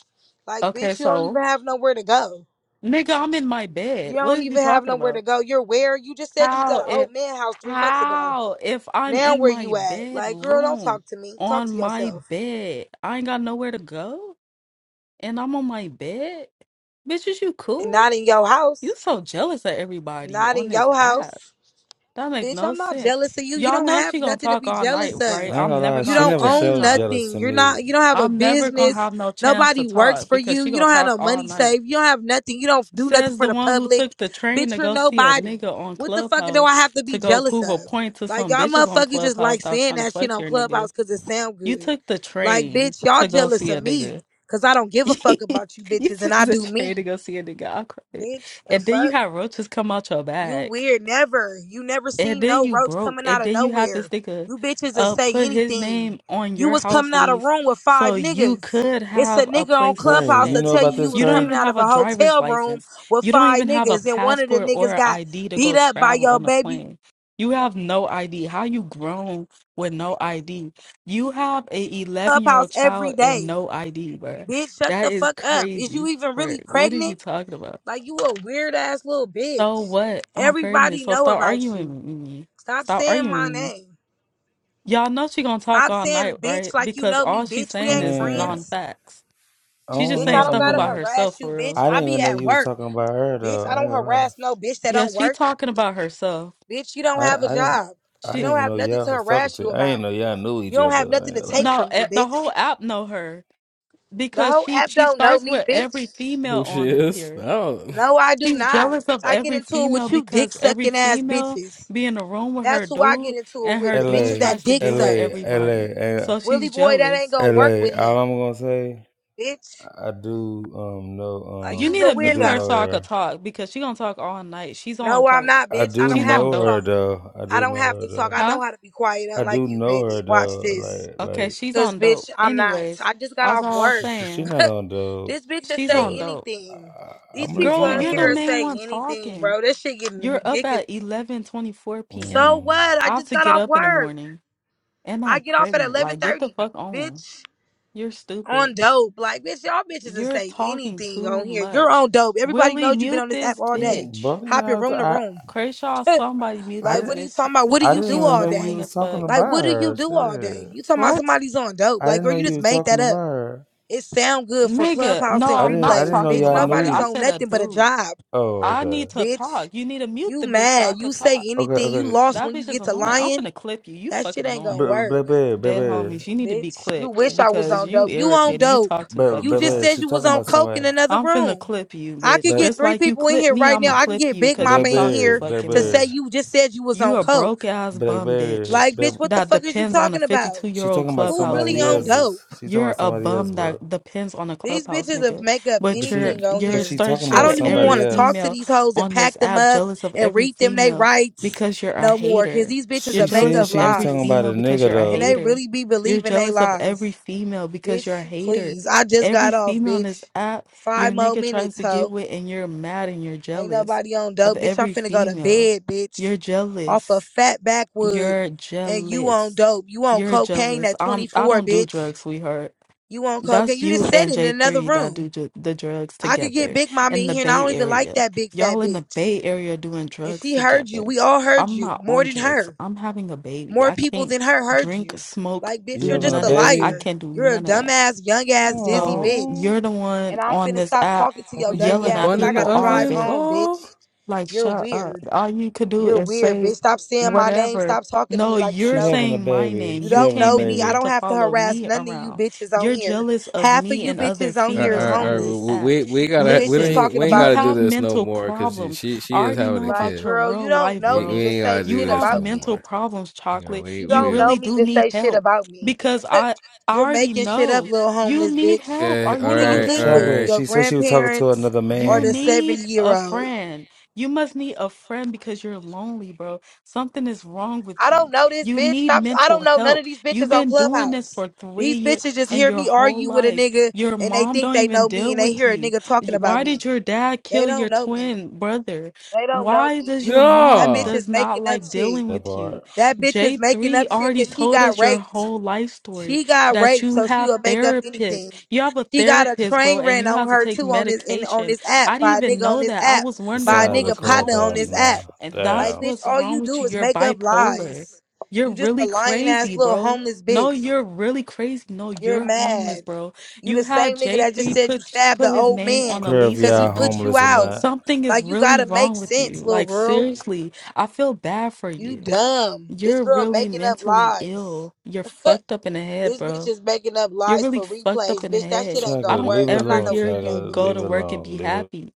Speaker 2: Like,
Speaker 4: Okay,
Speaker 2: bitch, you don't
Speaker 4: so
Speaker 2: even have nowhere to go.
Speaker 4: Nigga, I'm in my
Speaker 2: You
Speaker 4: bed. What
Speaker 2: don't
Speaker 4: is you
Speaker 2: even have
Speaker 4: talking
Speaker 2: nowhere to
Speaker 4: about?
Speaker 2: go. You're where? You just said you was
Speaker 4: How
Speaker 2: at an
Speaker 4: if
Speaker 2: old man house three months ago.
Speaker 4: how if I'm
Speaker 2: Now
Speaker 4: in
Speaker 2: where
Speaker 4: my
Speaker 2: you at? Like, girl, don't
Speaker 4: bedroom
Speaker 2: talk to me. Talk
Speaker 4: on
Speaker 2: to
Speaker 4: my
Speaker 2: yourself.
Speaker 4: bed, I ain't got nowhere to go and I'm on my bed? Bitch, is you
Speaker 2: And
Speaker 4: cool?
Speaker 2: not in your house.
Speaker 4: You so jealous of everybody
Speaker 2: Not
Speaker 4: on
Speaker 2: in
Speaker 4: this
Speaker 2: your house.
Speaker 4: app. That make
Speaker 2: Bitch,
Speaker 4: no
Speaker 2: I'm not
Speaker 4: sense.
Speaker 2: jealous of you. You
Speaker 4: Y'all
Speaker 2: don't
Speaker 4: know
Speaker 2: have
Speaker 4: she gonna
Speaker 2: nothing to
Speaker 4: talk
Speaker 2: be
Speaker 4: all night,
Speaker 2: jealous
Speaker 4: right?
Speaker 2: of.
Speaker 4: I'm never
Speaker 2: You
Speaker 4: gonna have a
Speaker 2: don't
Speaker 4: chance to
Speaker 2: own
Speaker 4: talk.
Speaker 2: nothing. You're not you don't have a
Speaker 4: I'm never gonna
Speaker 2: business.
Speaker 4: have no chance to
Speaker 2: Nobody works
Speaker 4: talk
Speaker 2: for
Speaker 4: because
Speaker 2: you.
Speaker 4: she
Speaker 2: You
Speaker 4: gonna
Speaker 2: don't have
Speaker 4: talk
Speaker 2: no
Speaker 4: all
Speaker 2: money
Speaker 4: night.
Speaker 2: saved. You don't have nothing. You don't do nothing
Speaker 4: Says
Speaker 2: for
Speaker 4: the
Speaker 2: the
Speaker 4: one who
Speaker 2: public.
Speaker 4: took the train
Speaker 2: Bitch,
Speaker 4: to
Speaker 2: you're
Speaker 4: go see a
Speaker 2: nobody.
Speaker 4: nigga on
Speaker 2: What the fuck do I
Speaker 4: Clubhouse
Speaker 2: have to be
Speaker 4: to go
Speaker 2: jealous
Speaker 4: prove a
Speaker 2: of?
Speaker 4: point to
Speaker 2: Like
Speaker 4: some
Speaker 2: y'all
Speaker 4: bitches on
Speaker 2: motherfuckers just
Speaker 4: Clubhouse
Speaker 2: like
Speaker 4: that was
Speaker 2: saying
Speaker 4: trying to
Speaker 2: that shit
Speaker 4: fuck
Speaker 2: on
Speaker 4: your nigga.
Speaker 2: Clubhouse cause it sound
Speaker 4: You
Speaker 2: good.
Speaker 4: took the
Speaker 2: Like,
Speaker 4: train
Speaker 2: bitch, y'all
Speaker 4: to go
Speaker 2: jealous
Speaker 4: see a
Speaker 2: of me.
Speaker 4: nigga.
Speaker 2: Cause I don't give a fuck about you
Speaker 4: You
Speaker 2: bitches and
Speaker 4: took
Speaker 2: I
Speaker 4: the
Speaker 2: do
Speaker 4: train to
Speaker 2: me.
Speaker 4: go see a nigga. I cried.
Speaker 2: Bitch, the
Speaker 4: And then
Speaker 2: fuck?
Speaker 4: you had roaches come out your
Speaker 2: You
Speaker 4: bag.
Speaker 2: weird. Never. You never
Speaker 4: And
Speaker 2: seen
Speaker 4: then
Speaker 2: no
Speaker 4: you
Speaker 2: roach
Speaker 4: broke,
Speaker 2: coming out
Speaker 4: and
Speaker 2: of
Speaker 4: then you had this
Speaker 2: nowhere.
Speaker 4: nigga
Speaker 2: You bitches that
Speaker 4: uh
Speaker 2: say
Speaker 4: put his
Speaker 2: anything.
Speaker 4: name on
Speaker 2: You
Speaker 4: your
Speaker 2: was
Speaker 4: house
Speaker 2: coming out of
Speaker 4: lease
Speaker 2: room with
Speaker 4: so
Speaker 2: five
Speaker 4: you
Speaker 2: niggas.
Speaker 4: could
Speaker 2: It's a
Speaker 4: have a
Speaker 2: nigga on
Speaker 4: place to
Speaker 2: Clubhouse that
Speaker 4: stay.
Speaker 2: tell you you was
Speaker 4: You don't
Speaker 2: coming
Speaker 4: even
Speaker 2: out
Speaker 4: have
Speaker 2: of
Speaker 4: a
Speaker 2: a
Speaker 4: driver's
Speaker 2: hotel room
Speaker 4: license.
Speaker 2: with
Speaker 4: You don't
Speaker 2: five
Speaker 4: even have a
Speaker 2: niggas, and one of the
Speaker 4: passport or
Speaker 2: niggas
Speaker 4: a
Speaker 2: got
Speaker 4: ID to go
Speaker 2: beat up by
Speaker 4: travel
Speaker 2: your
Speaker 4: on a
Speaker 2: baby
Speaker 4: plane. You have no ID. How you grown with no ID? You have a 11 year
Speaker 2: Clubhouse
Speaker 4: old
Speaker 2: every
Speaker 4: child and
Speaker 2: day.
Speaker 4: no ID, bro.
Speaker 2: Bitch, shut the
Speaker 4: That is
Speaker 2: fuck up. Is you
Speaker 4: crazy.
Speaker 2: even really
Speaker 4: Word. What is you
Speaker 2: pregnant?
Speaker 4: talking about?
Speaker 2: Like you a weird ass little
Speaker 4: So
Speaker 2: bitch.
Speaker 4: what? I'm pregnant.
Speaker 2: Everybody
Speaker 4: So
Speaker 2: know
Speaker 4: stop
Speaker 2: about
Speaker 4: arguing
Speaker 2: you.
Speaker 4: with me.
Speaker 2: Stop
Speaker 4: Stop
Speaker 2: saying
Speaker 4: arguing
Speaker 2: my
Speaker 4: with me.
Speaker 2: name.
Speaker 4: Y'all know she gonna talk
Speaker 2: Stop
Speaker 4: all night,
Speaker 2: saying bitch
Speaker 4: right?
Speaker 2: like you
Speaker 4: Because
Speaker 2: know me,
Speaker 4: all she's
Speaker 2: bitch. We
Speaker 1: I
Speaker 4: saying
Speaker 2: ain't
Speaker 4: is
Speaker 1: mean,
Speaker 2: friends.
Speaker 4: non-facts.
Speaker 1: I
Speaker 4: She's just
Speaker 1: don't
Speaker 2: Bitch,
Speaker 1: know.
Speaker 2: I
Speaker 4: saying
Speaker 1: I
Speaker 2: don't
Speaker 4: stuff
Speaker 2: gotta
Speaker 4: about
Speaker 1: mean,
Speaker 4: herself
Speaker 2: harass you,
Speaker 4: for
Speaker 2: bitch.
Speaker 4: real.
Speaker 1: I
Speaker 2: I
Speaker 1: didn't
Speaker 2: be
Speaker 1: even know
Speaker 2: at
Speaker 1: you was
Speaker 2: work.
Speaker 1: talking about her
Speaker 2: Bitch,
Speaker 1: though.
Speaker 2: I
Speaker 1: I
Speaker 2: don't
Speaker 1: ain't gonna lie.
Speaker 2: harass no bitch that
Speaker 4: Yeah,
Speaker 2: don't
Speaker 4: she
Speaker 2: work.
Speaker 4: talking about herself.
Speaker 2: Bitch, you don't have a
Speaker 1: I I didn't
Speaker 2: job.
Speaker 1: I
Speaker 2: You
Speaker 4: She
Speaker 1: didn't
Speaker 2: don't
Speaker 1: even
Speaker 2: have
Speaker 1: know
Speaker 2: nothing to
Speaker 1: y'all was talking
Speaker 2: harass you
Speaker 1: to. I ain't
Speaker 2: about.
Speaker 1: know y'all knew
Speaker 2: You
Speaker 1: each
Speaker 2: don't
Speaker 1: other.
Speaker 2: have
Speaker 1: I
Speaker 2: nothing
Speaker 1: ain't
Speaker 2: to
Speaker 1: gonna
Speaker 2: take
Speaker 1: lie.
Speaker 4: no,
Speaker 2: from
Speaker 4: eh,
Speaker 2: you,
Speaker 4: the whole
Speaker 2: bitch.
Speaker 4: app know her
Speaker 2: The
Speaker 4: because
Speaker 2: whole
Speaker 4: she
Speaker 2: app
Speaker 4: she
Speaker 2: don't know
Speaker 4: starts
Speaker 2: me,
Speaker 4: with every
Speaker 2: bitch.
Speaker 4: female
Speaker 3: Who she
Speaker 4: on
Speaker 3: is?
Speaker 4: here.
Speaker 3: Oh,
Speaker 2: No, I do
Speaker 4: She's
Speaker 2: not.
Speaker 4: jealous
Speaker 2: Bitch,
Speaker 4: of
Speaker 2: I get
Speaker 4: every
Speaker 2: into it
Speaker 4: female
Speaker 2: with you dick
Speaker 4: because every
Speaker 2: sucking ass
Speaker 4: female
Speaker 2: bitches.
Speaker 4: be in the room with her
Speaker 2: That's who I get
Speaker 4: dude,
Speaker 2: into it
Speaker 4: and her
Speaker 2: with. The
Speaker 4: dude
Speaker 2: bitches
Speaker 1: LA,
Speaker 4: tries
Speaker 2: that
Speaker 4: to
Speaker 2: dick
Speaker 4: get with
Speaker 1: LA,
Speaker 2: suck.
Speaker 4: everybody.
Speaker 1: LA,
Speaker 4: So
Speaker 2: Willie
Speaker 4: she's
Speaker 2: boy, that ain't
Speaker 4: jealous.
Speaker 2: gonna work with
Speaker 1: LA. All
Speaker 2: him,
Speaker 1: I'm gonna say,
Speaker 2: bitch.
Speaker 1: I do um know
Speaker 2: Like,
Speaker 4: You
Speaker 1: um
Speaker 2: you's
Speaker 4: need
Speaker 2: a
Speaker 4: to
Speaker 1: I
Speaker 4: mute
Speaker 1: do
Speaker 4: her
Speaker 2: weirdo.
Speaker 1: know
Speaker 4: so I could
Speaker 1: her.
Speaker 4: talk because she gonna talk all night. She's on
Speaker 2: No, I'm
Speaker 4: coke.
Speaker 2: not,
Speaker 1: I
Speaker 2: bitch. I
Speaker 1: do
Speaker 2: don't
Speaker 4: She's
Speaker 2: have
Speaker 4: on
Speaker 2: to
Speaker 1: know
Speaker 4: dope.
Speaker 1: her
Speaker 2: talk.
Speaker 1: though. I
Speaker 2: I
Speaker 1: do
Speaker 2: don't have
Speaker 1: know her
Speaker 2: to talk.
Speaker 1: though.
Speaker 2: I
Speaker 4: Huh?
Speaker 2: know how to be quiet,
Speaker 1: I
Speaker 2: unlike
Speaker 1: do
Speaker 2: you,
Speaker 1: know her
Speaker 2: bitch. Watch
Speaker 1: though.
Speaker 2: this.
Speaker 1: Like
Speaker 4: Okay,
Speaker 1: like
Speaker 4: she's
Speaker 2: Cause
Speaker 4: on
Speaker 2: bitch,
Speaker 4: dope.
Speaker 2: I'm not.
Speaker 4: Anyways,
Speaker 2: I just got
Speaker 4: that's
Speaker 2: off
Speaker 4: all I'm
Speaker 2: work.
Speaker 1: She's
Speaker 4: saying.
Speaker 1: not on dope,
Speaker 2: This bitch just
Speaker 4: She's on
Speaker 2: say
Speaker 1: but
Speaker 4: dope.
Speaker 2: anything.
Speaker 1: I, I'm
Speaker 2: These
Speaker 1: gonna let
Speaker 2: people
Speaker 4: Girl,
Speaker 1: y'all
Speaker 2: on
Speaker 4: you're the
Speaker 2: here
Speaker 1: talk.
Speaker 4: main
Speaker 2: say
Speaker 4: one
Speaker 2: anything,
Speaker 4: talking.
Speaker 2: bro. This shit getting
Speaker 4: You're up
Speaker 2: ridiculous.
Speaker 4: at eleven twenty four
Speaker 2: So
Speaker 4: p.m.
Speaker 1: Mm.
Speaker 2: what? I
Speaker 4: I have
Speaker 2: just
Speaker 4: to
Speaker 2: got
Speaker 4: get
Speaker 2: off
Speaker 4: up in the
Speaker 2: work.
Speaker 4: morning and
Speaker 2: I
Speaker 4: I'm
Speaker 2: get off at
Speaker 4: pregnant.
Speaker 2: eleven
Speaker 4: Like, get the
Speaker 2: thirty,
Speaker 4: fuck on.
Speaker 2: bitch.
Speaker 4: You're stupid.
Speaker 2: On dope. Like, bitch, y'all bitches that
Speaker 4: You're
Speaker 2: say
Speaker 4: talking
Speaker 2: anything
Speaker 4: too
Speaker 2: on here. You're
Speaker 4: much.
Speaker 2: on dope. Everybody
Speaker 4: Willie,
Speaker 2: knows you've been
Speaker 4: mute
Speaker 2: on this app
Speaker 4: this
Speaker 2: all
Speaker 1: I
Speaker 2: day.
Speaker 1: mean,
Speaker 4: bitch.
Speaker 1: both of
Speaker 2: Hopping
Speaker 1: y'all, t-
Speaker 2: room to
Speaker 1: I,
Speaker 2: room.
Speaker 4: Kershaw, somebody mute
Speaker 1: I
Speaker 2: Like,
Speaker 4: this
Speaker 2: what are
Speaker 1: didn't,
Speaker 2: you
Speaker 4: bitch
Speaker 2: talking about? What do
Speaker 1: I
Speaker 2: you
Speaker 4: because
Speaker 1: didn't
Speaker 2: do
Speaker 4: she's
Speaker 1: even
Speaker 2: all
Speaker 1: know you
Speaker 4: annoying
Speaker 2: day?
Speaker 4: as
Speaker 1: was talking
Speaker 4: fuck
Speaker 2: Like,
Speaker 1: about
Speaker 2: what do you
Speaker 1: her.
Speaker 2: do all day?
Speaker 1: Shit,
Speaker 2: You talking about
Speaker 4: What?
Speaker 2: somebody's on dope?
Speaker 1: I
Speaker 2: Like,
Speaker 1: didn't
Speaker 2: girl,
Speaker 1: know
Speaker 2: you
Speaker 1: you
Speaker 2: just
Speaker 1: was
Speaker 2: made that
Speaker 1: talking
Speaker 2: up.
Speaker 1: about her.
Speaker 2: It sound good for
Speaker 4: Nigga,
Speaker 2: clubhouse
Speaker 4: no,
Speaker 2: and
Speaker 1: I
Speaker 4: I'm
Speaker 1: didn't, I
Speaker 4: not
Speaker 1: didn't
Speaker 2: replays,
Speaker 1: know
Speaker 4: talking
Speaker 2: bitch.
Speaker 1: y'all
Speaker 4: about
Speaker 1: knew
Speaker 4: her.
Speaker 2: Nobody's
Speaker 4: I
Speaker 1: it.
Speaker 2: on
Speaker 4: said a
Speaker 2: nothing but a
Speaker 4: dude.
Speaker 2: job,
Speaker 1: Oh,
Speaker 4: I need
Speaker 1: okay,
Speaker 4: to talk.
Speaker 2: bitch.
Speaker 4: You need to mute
Speaker 2: You
Speaker 4: the bitch so I
Speaker 2: mad? You
Speaker 4: could
Speaker 2: say
Speaker 4: talk.
Speaker 1: okay,
Speaker 2: anything? You
Speaker 1: okay.
Speaker 2: lost
Speaker 4: That
Speaker 2: when
Speaker 4: bitch
Speaker 2: you
Speaker 4: is
Speaker 2: get to
Speaker 4: annoying. I'm
Speaker 2: lying?
Speaker 4: gonna clip you. You
Speaker 2: That shit
Speaker 4: fucking
Speaker 2: ain't gonna
Speaker 4: annoying.
Speaker 1: Bl-
Speaker 2: work,
Speaker 1: Blackberry,
Speaker 4: Dead
Speaker 1: Blackberry,
Speaker 4: homies, you need to be
Speaker 2: bitch. You
Speaker 4: clipped
Speaker 2: wish I was
Speaker 4: because
Speaker 2: on
Speaker 4: you
Speaker 2: dope. You on
Speaker 4: irritated. You
Speaker 2: dope?
Speaker 4: talk too
Speaker 1: Bla-
Speaker 2: You
Speaker 4: fucking
Speaker 2: just
Speaker 1: Blackberry.
Speaker 2: said
Speaker 4: much.
Speaker 1: She's
Speaker 2: you was
Speaker 1: talking
Speaker 2: on
Speaker 1: about
Speaker 2: coke in
Speaker 1: somebody.
Speaker 2: another
Speaker 4: I'm finna
Speaker 2: room.
Speaker 4: clip you,
Speaker 2: I
Speaker 4: bitch.
Speaker 2: could
Speaker 1: Black,
Speaker 2: get
Speaker 4: Just
Speaker 2: three
Speaker 4: like you
Speaker 2: people in
Speaker 4: clip
Speaker 2: here
Speaker 4: me,
Speaker 2: right
Speaker 4: I'ma
Speaker 2: now. I can
Speaker 4: clip
Speaker 2: get
Speaker 4: you
Speaker 2: Big
Speaker 4: because you
Speaker 2: Mama in
Speaker 4: talk too
Speaker 1: Blackberry,
Speaker 2: here
Speaker 4: fucking
Speaker 2: to
Speaker 4: much.
Speaker 2: say
Speaker 1: Blackberry,
Speaker 2: you just said you was
Speaker 4: You
Speaker 2: on
Speaker 4: a
Speaker 2: coke.
Speaker 4: broke ass bum
Speaker 1: Blackberry,
Speaker 4: bitch
Speaker 2: Like,
Speaker 1: Black.
Speaker 2: bitch, what the
Speaker 4: that
Speaker 2: fuck is you
Speaker 4: depends on a
Speaker 2: talking about?
Speaker 4: 52 year
Speaker 1: She
Speaker 4: old
Speaker 1: talking about
Speaker 2: Who
Speaker 4: clubhouse
Speaker 2: really
Speaker 1: somebody
Speaker 2: on
Speaker 4: nigga.
Speaker 2: dope?
Speaker 1: else's. She talking
Speaker 4: You're
Speaker 1: about
Speaker 4: a
Speaker 1: somebody else,
Speaker 4: bum
Speaker 1: bro.
Speaker 4: that depends on a
Speaker 2: These
Speaker 4: clubhouse
Speaker 2: bitches have
Speaker 4: nigga.
Speaker 2: make up
Speaker 4: But
Speaker 1: But she,
Speaker 4: you're
Speaker 2: anything on
Speaker 1: but
Speaker 4: you're
Speaker 1: she
Speaker 2: here.
Speaker 4: starting
Speaker 1: talking
Speaker 2: I
Speaker 4: shit
Speaker 1: about
Speaker 2: don't
Speaker 4: with
Speaker 2: even
Speaker 4: every
Speaker 1: somebody
Speaker 2: want to talk
Speaker 1: else.
Speaker 2: to
Speaker 4: female
Speaker 2: these hoes and
Speaker 4: on this
Speaker 2: pack them
Speaker 4: app,
Speaker 2: up
Speaker 4: jealous of
Speaker 2: and
Speaker 4: every
Speaker 2: read them they
Speaker 4: female
Speaker 2: rights
Speaker 4: because you're a
Speaker 2: no more. Cause
Speaker 4: hater.
Speaker 2: these bitches
Speaker 4: You're
Speaker 1: She
Speaker 2: have make
Speaker 4: jealous
Speaker 1: said
Speaker 2: up
Speaker 4: of
Speaker 1: she was
Speaker 4: every
Speaker 1: talking about
Speaker 2: lies.
Speaker 1: a
Speaker 4: female because
Speaker 1: nigga
Speaker 4: you're a
Speaker 2: And they
Speaker 1: though.
Speaker 4: hater.
Speaker 2: really be
Speaker 4: You're
Speaker 2: believing they
Speaker 4: jealous of every
Speaker 2: lies.
Speaker 4: female because you're a
Speaker 2: Bitch,
Speaker 4: hater.
Speaker 2: please. I just
Speaker 4: Every
Speaker 2: got off,
Speaker 4: female on this
Speaker 2: bitch.
Speaker 4: app, your
Speaker 2: Five more
Speaker 4: nigga tries
Speaker 2: minutes,
Speaker 4: to get
Speaker 2: hoe.
Speaker 4: with and you're mad and you're
Speaker 2: Ain't
Speaker 4: jealous
Speaker 2: nobody on
Speaker 4: of
Speaker 2: dope, bitch. I'm
Speaker 4: every
Speaker 2: finna go to
Speaker 4: female.
Speaker 2: bed,
Speaker 4: You're
Speaker 2: bitch. Off a
Speaker 4: jealous.
Speaker 2: fat backwood.
Speaker 4: You're
Speaker 2: And you on
Speaker 4: jealous.
Speaker 2: dope. You on
Speaker 4: You're
Speaker 2: cocaine
Speaker 4: jealous.
Speaker 2: at
Speaker 4: I'm, Um, i do
Speaker 2: 24,
Speaker 4: not do
Speaker 2: bitch.
Speaker 4: drugs, sweetheart.
Speaker 2: You want cocaine?
Speaker 4: That's
Speaker 2: You
Speaker 4: you
Speaker 2: just said
Speaker 4: and
Speaker 2: it in another
Speaker 4: J3 that do
Speaker 2: room.
Speaker 4: ju- the drugs
Speaker 2: I could get
Speaker 4: together
Speaker 2: Big Mommy
Speaker 4: in
Speaker 2: in
Speaker 4: the
Speaker 2: here, and I
Speaker 4: Bay
Speaker 2: don't even like
Speaker 4: Area.
Speaker 2: that big fat
Speaker 4: Y'all in the
Speaker 2: bitch.
Speaker 4: Bay Area doing
Speaker 2: And
Speaker 4: drugs
Speaker 2: she heard you.
Speaker 4: together.
Speaker 2: We all heard
Speaker 4: I'm
Speaker 2: you
Speaker 4: not
Speaker 2: more
Speaker 4: on
Speaker 2: than
Speaker 4: drugs.
Speaker 2: her.
Speaker 4: I'm having a baby.
Speaker 2: More
Speaker 4: I
Speaker 2: people
Speaker 4: can't
Speaker 2: than her heard
Speaker 4: drink,
Speaker 2: you.
Speaker 4: smoke,
Speaker 2: Like, bitch,
Speaker 1: You
Speaker 2: you're
Speaker 4: do
Speaker 1: having a
Speaker 2: just
Speaker 4: none
Speaker 2: a
Speaker 4: of that. I
Speaker 1: baby?
Speaker 2: liar.
Speaker 4: can't do
Speaker 2: You're a
Speaker 4: none of that.
Speaker 2: dumbass, young ass, dizzy
Speaker 4: So
Speaker 1: Aww.
Speaker 2: bitch.
Speaker 4: you're the one
Speaker 2: And I'm
Speaker 4: on
Speaker 2: finna
Speaker 4: this
Speaker 2: stop
Speaker 4: app
Speaker 2: talking to
Speaker 3: oh,
Speaker 2: your
Speaker 3: you have
Speaker 2: dirty
Speaker 3: a
Speaker 4: yelling
Speaker 2: ass
Speaker 4: at
Speaker 2: because
Speaker 3: bun
Speaker 2: I
Speaker 3: in the
Speaker 4: people
Speaker 2: gotta
Speaker 4: all
Speaker 2: drive
Speaker 3: oven?
Speaker 4: day.
Speaker 2: home,
Speaker 3: Oh,
Speaker 2: bitch.
Speaker 4: Like,
Speaker 2: You're
Speaker 4: shut up.
Speaker 2: weird.
Speaker 4: All you could do
Speaker 2: You're
Speaker 4: is
Speaker 2: weird,
Speaker 4: say
Speaker 2: bitch. Stop saying my name.
Speaker 4: whatever.
Speaker 2: Stop talking to me
Speaker 4: No,
Speaker 2: like you
Speaker 4: you're
Speaker 1: She
Speaker 2: know
Speaker 1: having a
Speaker 2: me.
Speaker 4: saying my
Speaker 1: baby.
Speaker 4: name.
Speaker 2: You
Speaker 1: She
Speaker 4: You
Speaker 2: don't
Speaker 1: having a
Speaker 4: came
Speaker 2: know
Speaker 4: in
Speaker 2: me. I
Speaker 4: here
Speaker 1: baby.
Speaker 2: don't
Speaker 4: to
Speaker 2: have to
Speaker 4: follow
Speaker 2: harass
Speaker 4: me
Speaker 2: none of you
Speaker 4: around.
Speaker 2: bitches on
Speaker 4: You're
Speaker 2: here.
Speaker 4: jealous of
Speaker 2: Half of
Speaker 4: me
Speaker 2: you
Speaker 4: and
Speaker 3: all
Speaker 4: other
Speaker 2: bitches
Speaker 3: right,
Speaker 2: on here is
Speaker 4: females on
Speaker 3: all
Speaker 4: this
Speaker 2: homeless.
Speaker 3: right.
Speaker 4: app.
Speaker 3: We we
Speaker 2: You
Speaker 3: gotta we
Speaker 2: bitches
Speaker 4: Listen,
Speaker 3: ain't
Speaker 2: talking
Speaker 3: we ain't
Speaker 4: you
Speaker 2: about
Speaker 3: gotta do
Speaker 4: have
Speaker 2: me.
Speaker 3: this no
Speaker 4: mental
Speaker 3: more because she,
Speaker 4: problems.
Speaker 3: she
Speaker 4: I
Speaker 3: she is
Speaker 4: already
Speaker 3: having
Speaker 4: know
Speaker 3: a
Speaker 2: Like,
Speaker 4: about
Speaker 3: kid.
Speaker 4: your
Speaker 2: girl, you
Speaker 4: real
Speaker 2: don't
Speaker 4: life,
Speaker 2: know
Speaker 3: We, we
Speaker 2: me
Speaker 4: bro.
Speaker 2: to
Speaker 3: ain't
Speaker 2: say
Speaker 3: gotta
Speaker 4: You
Speaker 2: shit
Speaker 3: do this
Speaker 4: have
Speaker 2: about
Speaker 3: no
Speaker 2: me.
Speaker 4: mental
Speaker 3: more.
Speaker 4: problems,
Speaker 3: You know
Speaker 4: Chocolate.
Speaker 3: we
Speaker 2: You
Speaker 4: You
Speaker 2: don't
Speaker 3: we
Speaker 2: know
Speaker 4: really
Speaker 2: me
Speaker 4: do
Speaker 2: to
Speaker 4: need
Speaker 2: say shit
Speaker 4: help
Speaker 2: about me.
Speaker 4: because I, I
Speaker 2: You're
Speaker 4: already
Speaker 2: making shit up,
Speaker 4: know
Speaker 2: little
Speaker 4: you
Speaker 2: homeless
Speaker 4: need
Speaker 2: bitch.
Speaker 4: help.
Speaker 3: okay.
Speaker 4: Are
Speaker 2: Who
Speaker 3: All
Speaker 4: you
Speaker 2: do
Speaker 1: No
Speaker 2: you
Speaker 3: right,
Speaker 2: live
Speaker 3: all
Speaker 4: okay?
Speaker 2: with?
Speaker 1: chocolate.
Speaker 3: right.
Speaker 2: Your
Speaker 1: She said she was talking to
Speaker 2: grandparents
Speaker 1: another
Speaker 2: or
Speaker 4: You
Speaker 2: the
Speaker 1: man.
Speaker 2: 70
Speaker 4: need
Speaker 2: year
Speaker 4: a
Speaker 2: old?
Speaker 4: friend. You must need a friend because you're lonely, bro. Something is wrong
Speaker 2: I
Speaker 4: with
Speaker 2: don't
Speaker 4: you.
Speaker 2: know this
Speaker 4: You
Speaker 2: bitch.
Speaker 4: need
Speaker 2: Stop. I
Speaker 4: mental
Speaker 2: don't know none of
Speaker 4: help.
Speaker 2: these
Speaker 4: You've
Speaker 2: bitches on
Speaker 4: been doing this
Speaker 2: Clubhouse.
Speaker 4: for three
Speaker 2: These
Speaker 4: years
Speaker 2: bitches just
Speaker 4: and
Speaker 2: hear
Speaker 4: your
Speaker 2: me
Speaker 4: whole
Speaker 2: argue with a
Speaker 4: life.
Speaker 2: nigga
Speaker 4: Your
Speaker 2: and they
Speaker 4: mom
Speaker 2: think
Speaker 4: don't
Speaker 2: they
Speaker 4: even
Speaker 2: know me
Speaker 4: deal
Speaker 2: and they
Speaker 4: with
Speaker 2: hear a
Speaker 4: you.
Speaker 2: nigga talking
Speaker 4: You-
Speaker 2: about
Speaker 4: Why
Speaker 2: me.
Speaker 4: did your dad
Speaker 2: They
Speaker 4: kill your
Speaker 2: don't know me.
Speaker 4: twin brother?
Speaker 2: They don't know
Speaker 4: Why
Speaker 2: me.
Speaker 4: does your
Speaker 2: That
Speaker 4: mom
Speaker 3: Yeah.
Speaker 2: bitch
Speaker 4: does
Speaker 2: is making
Speaker 4: not
Speaker 2: up
Speaker 4: like
Speaker 2: shit.
Speaker 4: dealing
Speaker 1: That
Speaker 4: with you?
Speaker 1: part.
Speaker 2: That bitch is making
Speaker 4: J3
Speaker 2: up shit
Speaker 4: already
Speaker 2: because she
Speaker 4: told
Speaker 2: got
Speaker 4: us your
Speaker 2: raped.
Speaker 4: whole life story
Speaker 2: She got
Speaker 4: that
Speaker 2: raped,
Speaker 4: you
Speaker 2: so she
Speaker 4: have
Speaker 2: will make up
Speaker 4: therapists.
Speaker 2: anything.
Speaker 4: You have a
Speaker 2: She got a
Speaker 4: therapist, bro,
Speaker 2: train
Speaker 4: and
Speaker 2: ran
Speaker 4: you
Speaker 2: on
Speaker 4: have to
Speaker 2: her
Speaker 4: take
Speaker 2: too on this in
Speaker 4: medication
Speaker 2: on this app
Speaker 4: I didn't
Speaker 2: by a
Speaker 4: even
Speaker 2: nigga on
Speaker 4: know
Speaker 2: this
Speaker 4: that. I
Speaker 2: app
Speaker 4: was
Speaker 2: by
Speaker 4: wondering
Speaker 2: a
Speaker 4: what was
Speaker 2: nigga partner
Speaker 4: wrong
Speaker 2: on
Speaker 4: with
Speaker 1: Clubhouse
Speaker 2: this
Speaker 4: you.
Speaker 2: app.
Speaker 1: now.
Speaker 4: And
Speaker 2: Like
Speaker 1: Damn.
Speaker 4: that's
Speaker 2: bitch,
Speaker 4: what's
Speaker 2: all
Speaker 4: wrong
Speaker 2: you
Speaker 4: with
Speaker 2: do
Speaker 4: you.
Speaker 2: is
Speaker 4: You're
Speaker 2: make up
Speaker 4: bipolar.
Speaker 2: lies.
Speaker 4: You're
Speaker 2: You just a
Speaker 4: really
Speaker 2: lying ass
Speaker 4: crazy,
Speaker 2: little
Speaker 4: bro.
Speaker 2: homeless
Speaker 4: No,
Speaker 2: bitch.
Speaker 4: you're really crazy. No,
Speaker 2: You're
Speaker 4: you're homeless,
Speaker 2: mad.
Speaker 4: bro.
Speaker 2: You
Speaker 4: You
Speaker 2: the
Speaker 4: had
Speaker 2: same nigga that just
Speaker 4: J3
Speaker 2: said you
Speaker 4: put
Speaker 2: stabbed
Speaker 4: put
Speaker 2: the
Speaker 4: his
Speaker 2: old
Speaker 4: name on
Speaker 2: man
Speaker 4: a
Speaker 1: Clear if
Speaker 4: lease
Speaker 2: because
Speaker 4: for
Speaker 2: he
Speaker 1: y'all
Speaker 4: you.
Speaker 2: put you
Speaker 1: homeless or
Speaker 2: out.
Speaker 1: not.
Speaker 4: Something is
Speaker 2: Like you
Speaker 4: really
Speaker 2: gotta make
Speaker 4: wrong with you.
Speaker 2: sense, little
Speaker 4: Like
Speaker 2: girl.
Speaker 4: seriously, I feel bad for
Speaker 2: You
Speaker 4: you.
Speaker 2: dumb. This
Speaker 4: You're
Speaker 2: girl
Speaker 4: really
Speaker 2: making up
Speaker 4: mentally
Speaker 2: lies.
Speaker 4: ill. You're fucked up in the head,
Speaker 2: This bitch
Speaker 4: bro.
Speaker 2: is making up
Speaker 4: You're
Speaker 2: lies
Speaker 4: really
Speaker 2: for
Speaker 4: fucked up
Speaker 2: replays,
Speaker 4: in the
Speaker 2: bitch. That shit
Speaker 4: head.
Speaker 2: ain't
Speaker 4: I
Speaker 2: gonna
Speaker 1: Chocolate,
Speaker 4: don't
Speaker 2: work.
Speaker 1: leave it
Speaker 2: I'm
Speaker 4: ever
Speaker 2: not
Speaker 1: alone.
Speaker 2: no
Speaker 4: hear you
Speaker 2: internet
Speaker 1: Chocolate,
Speaker 4: go
Speaker 1: leave
Speaker 4: to
Speaker 2: bitch.
Speaker 1: it
Speaker 4: work and
Speaker 1: alone.
Speaker 4: be
Speaker 1: Leave it.
Speaker 4: happy.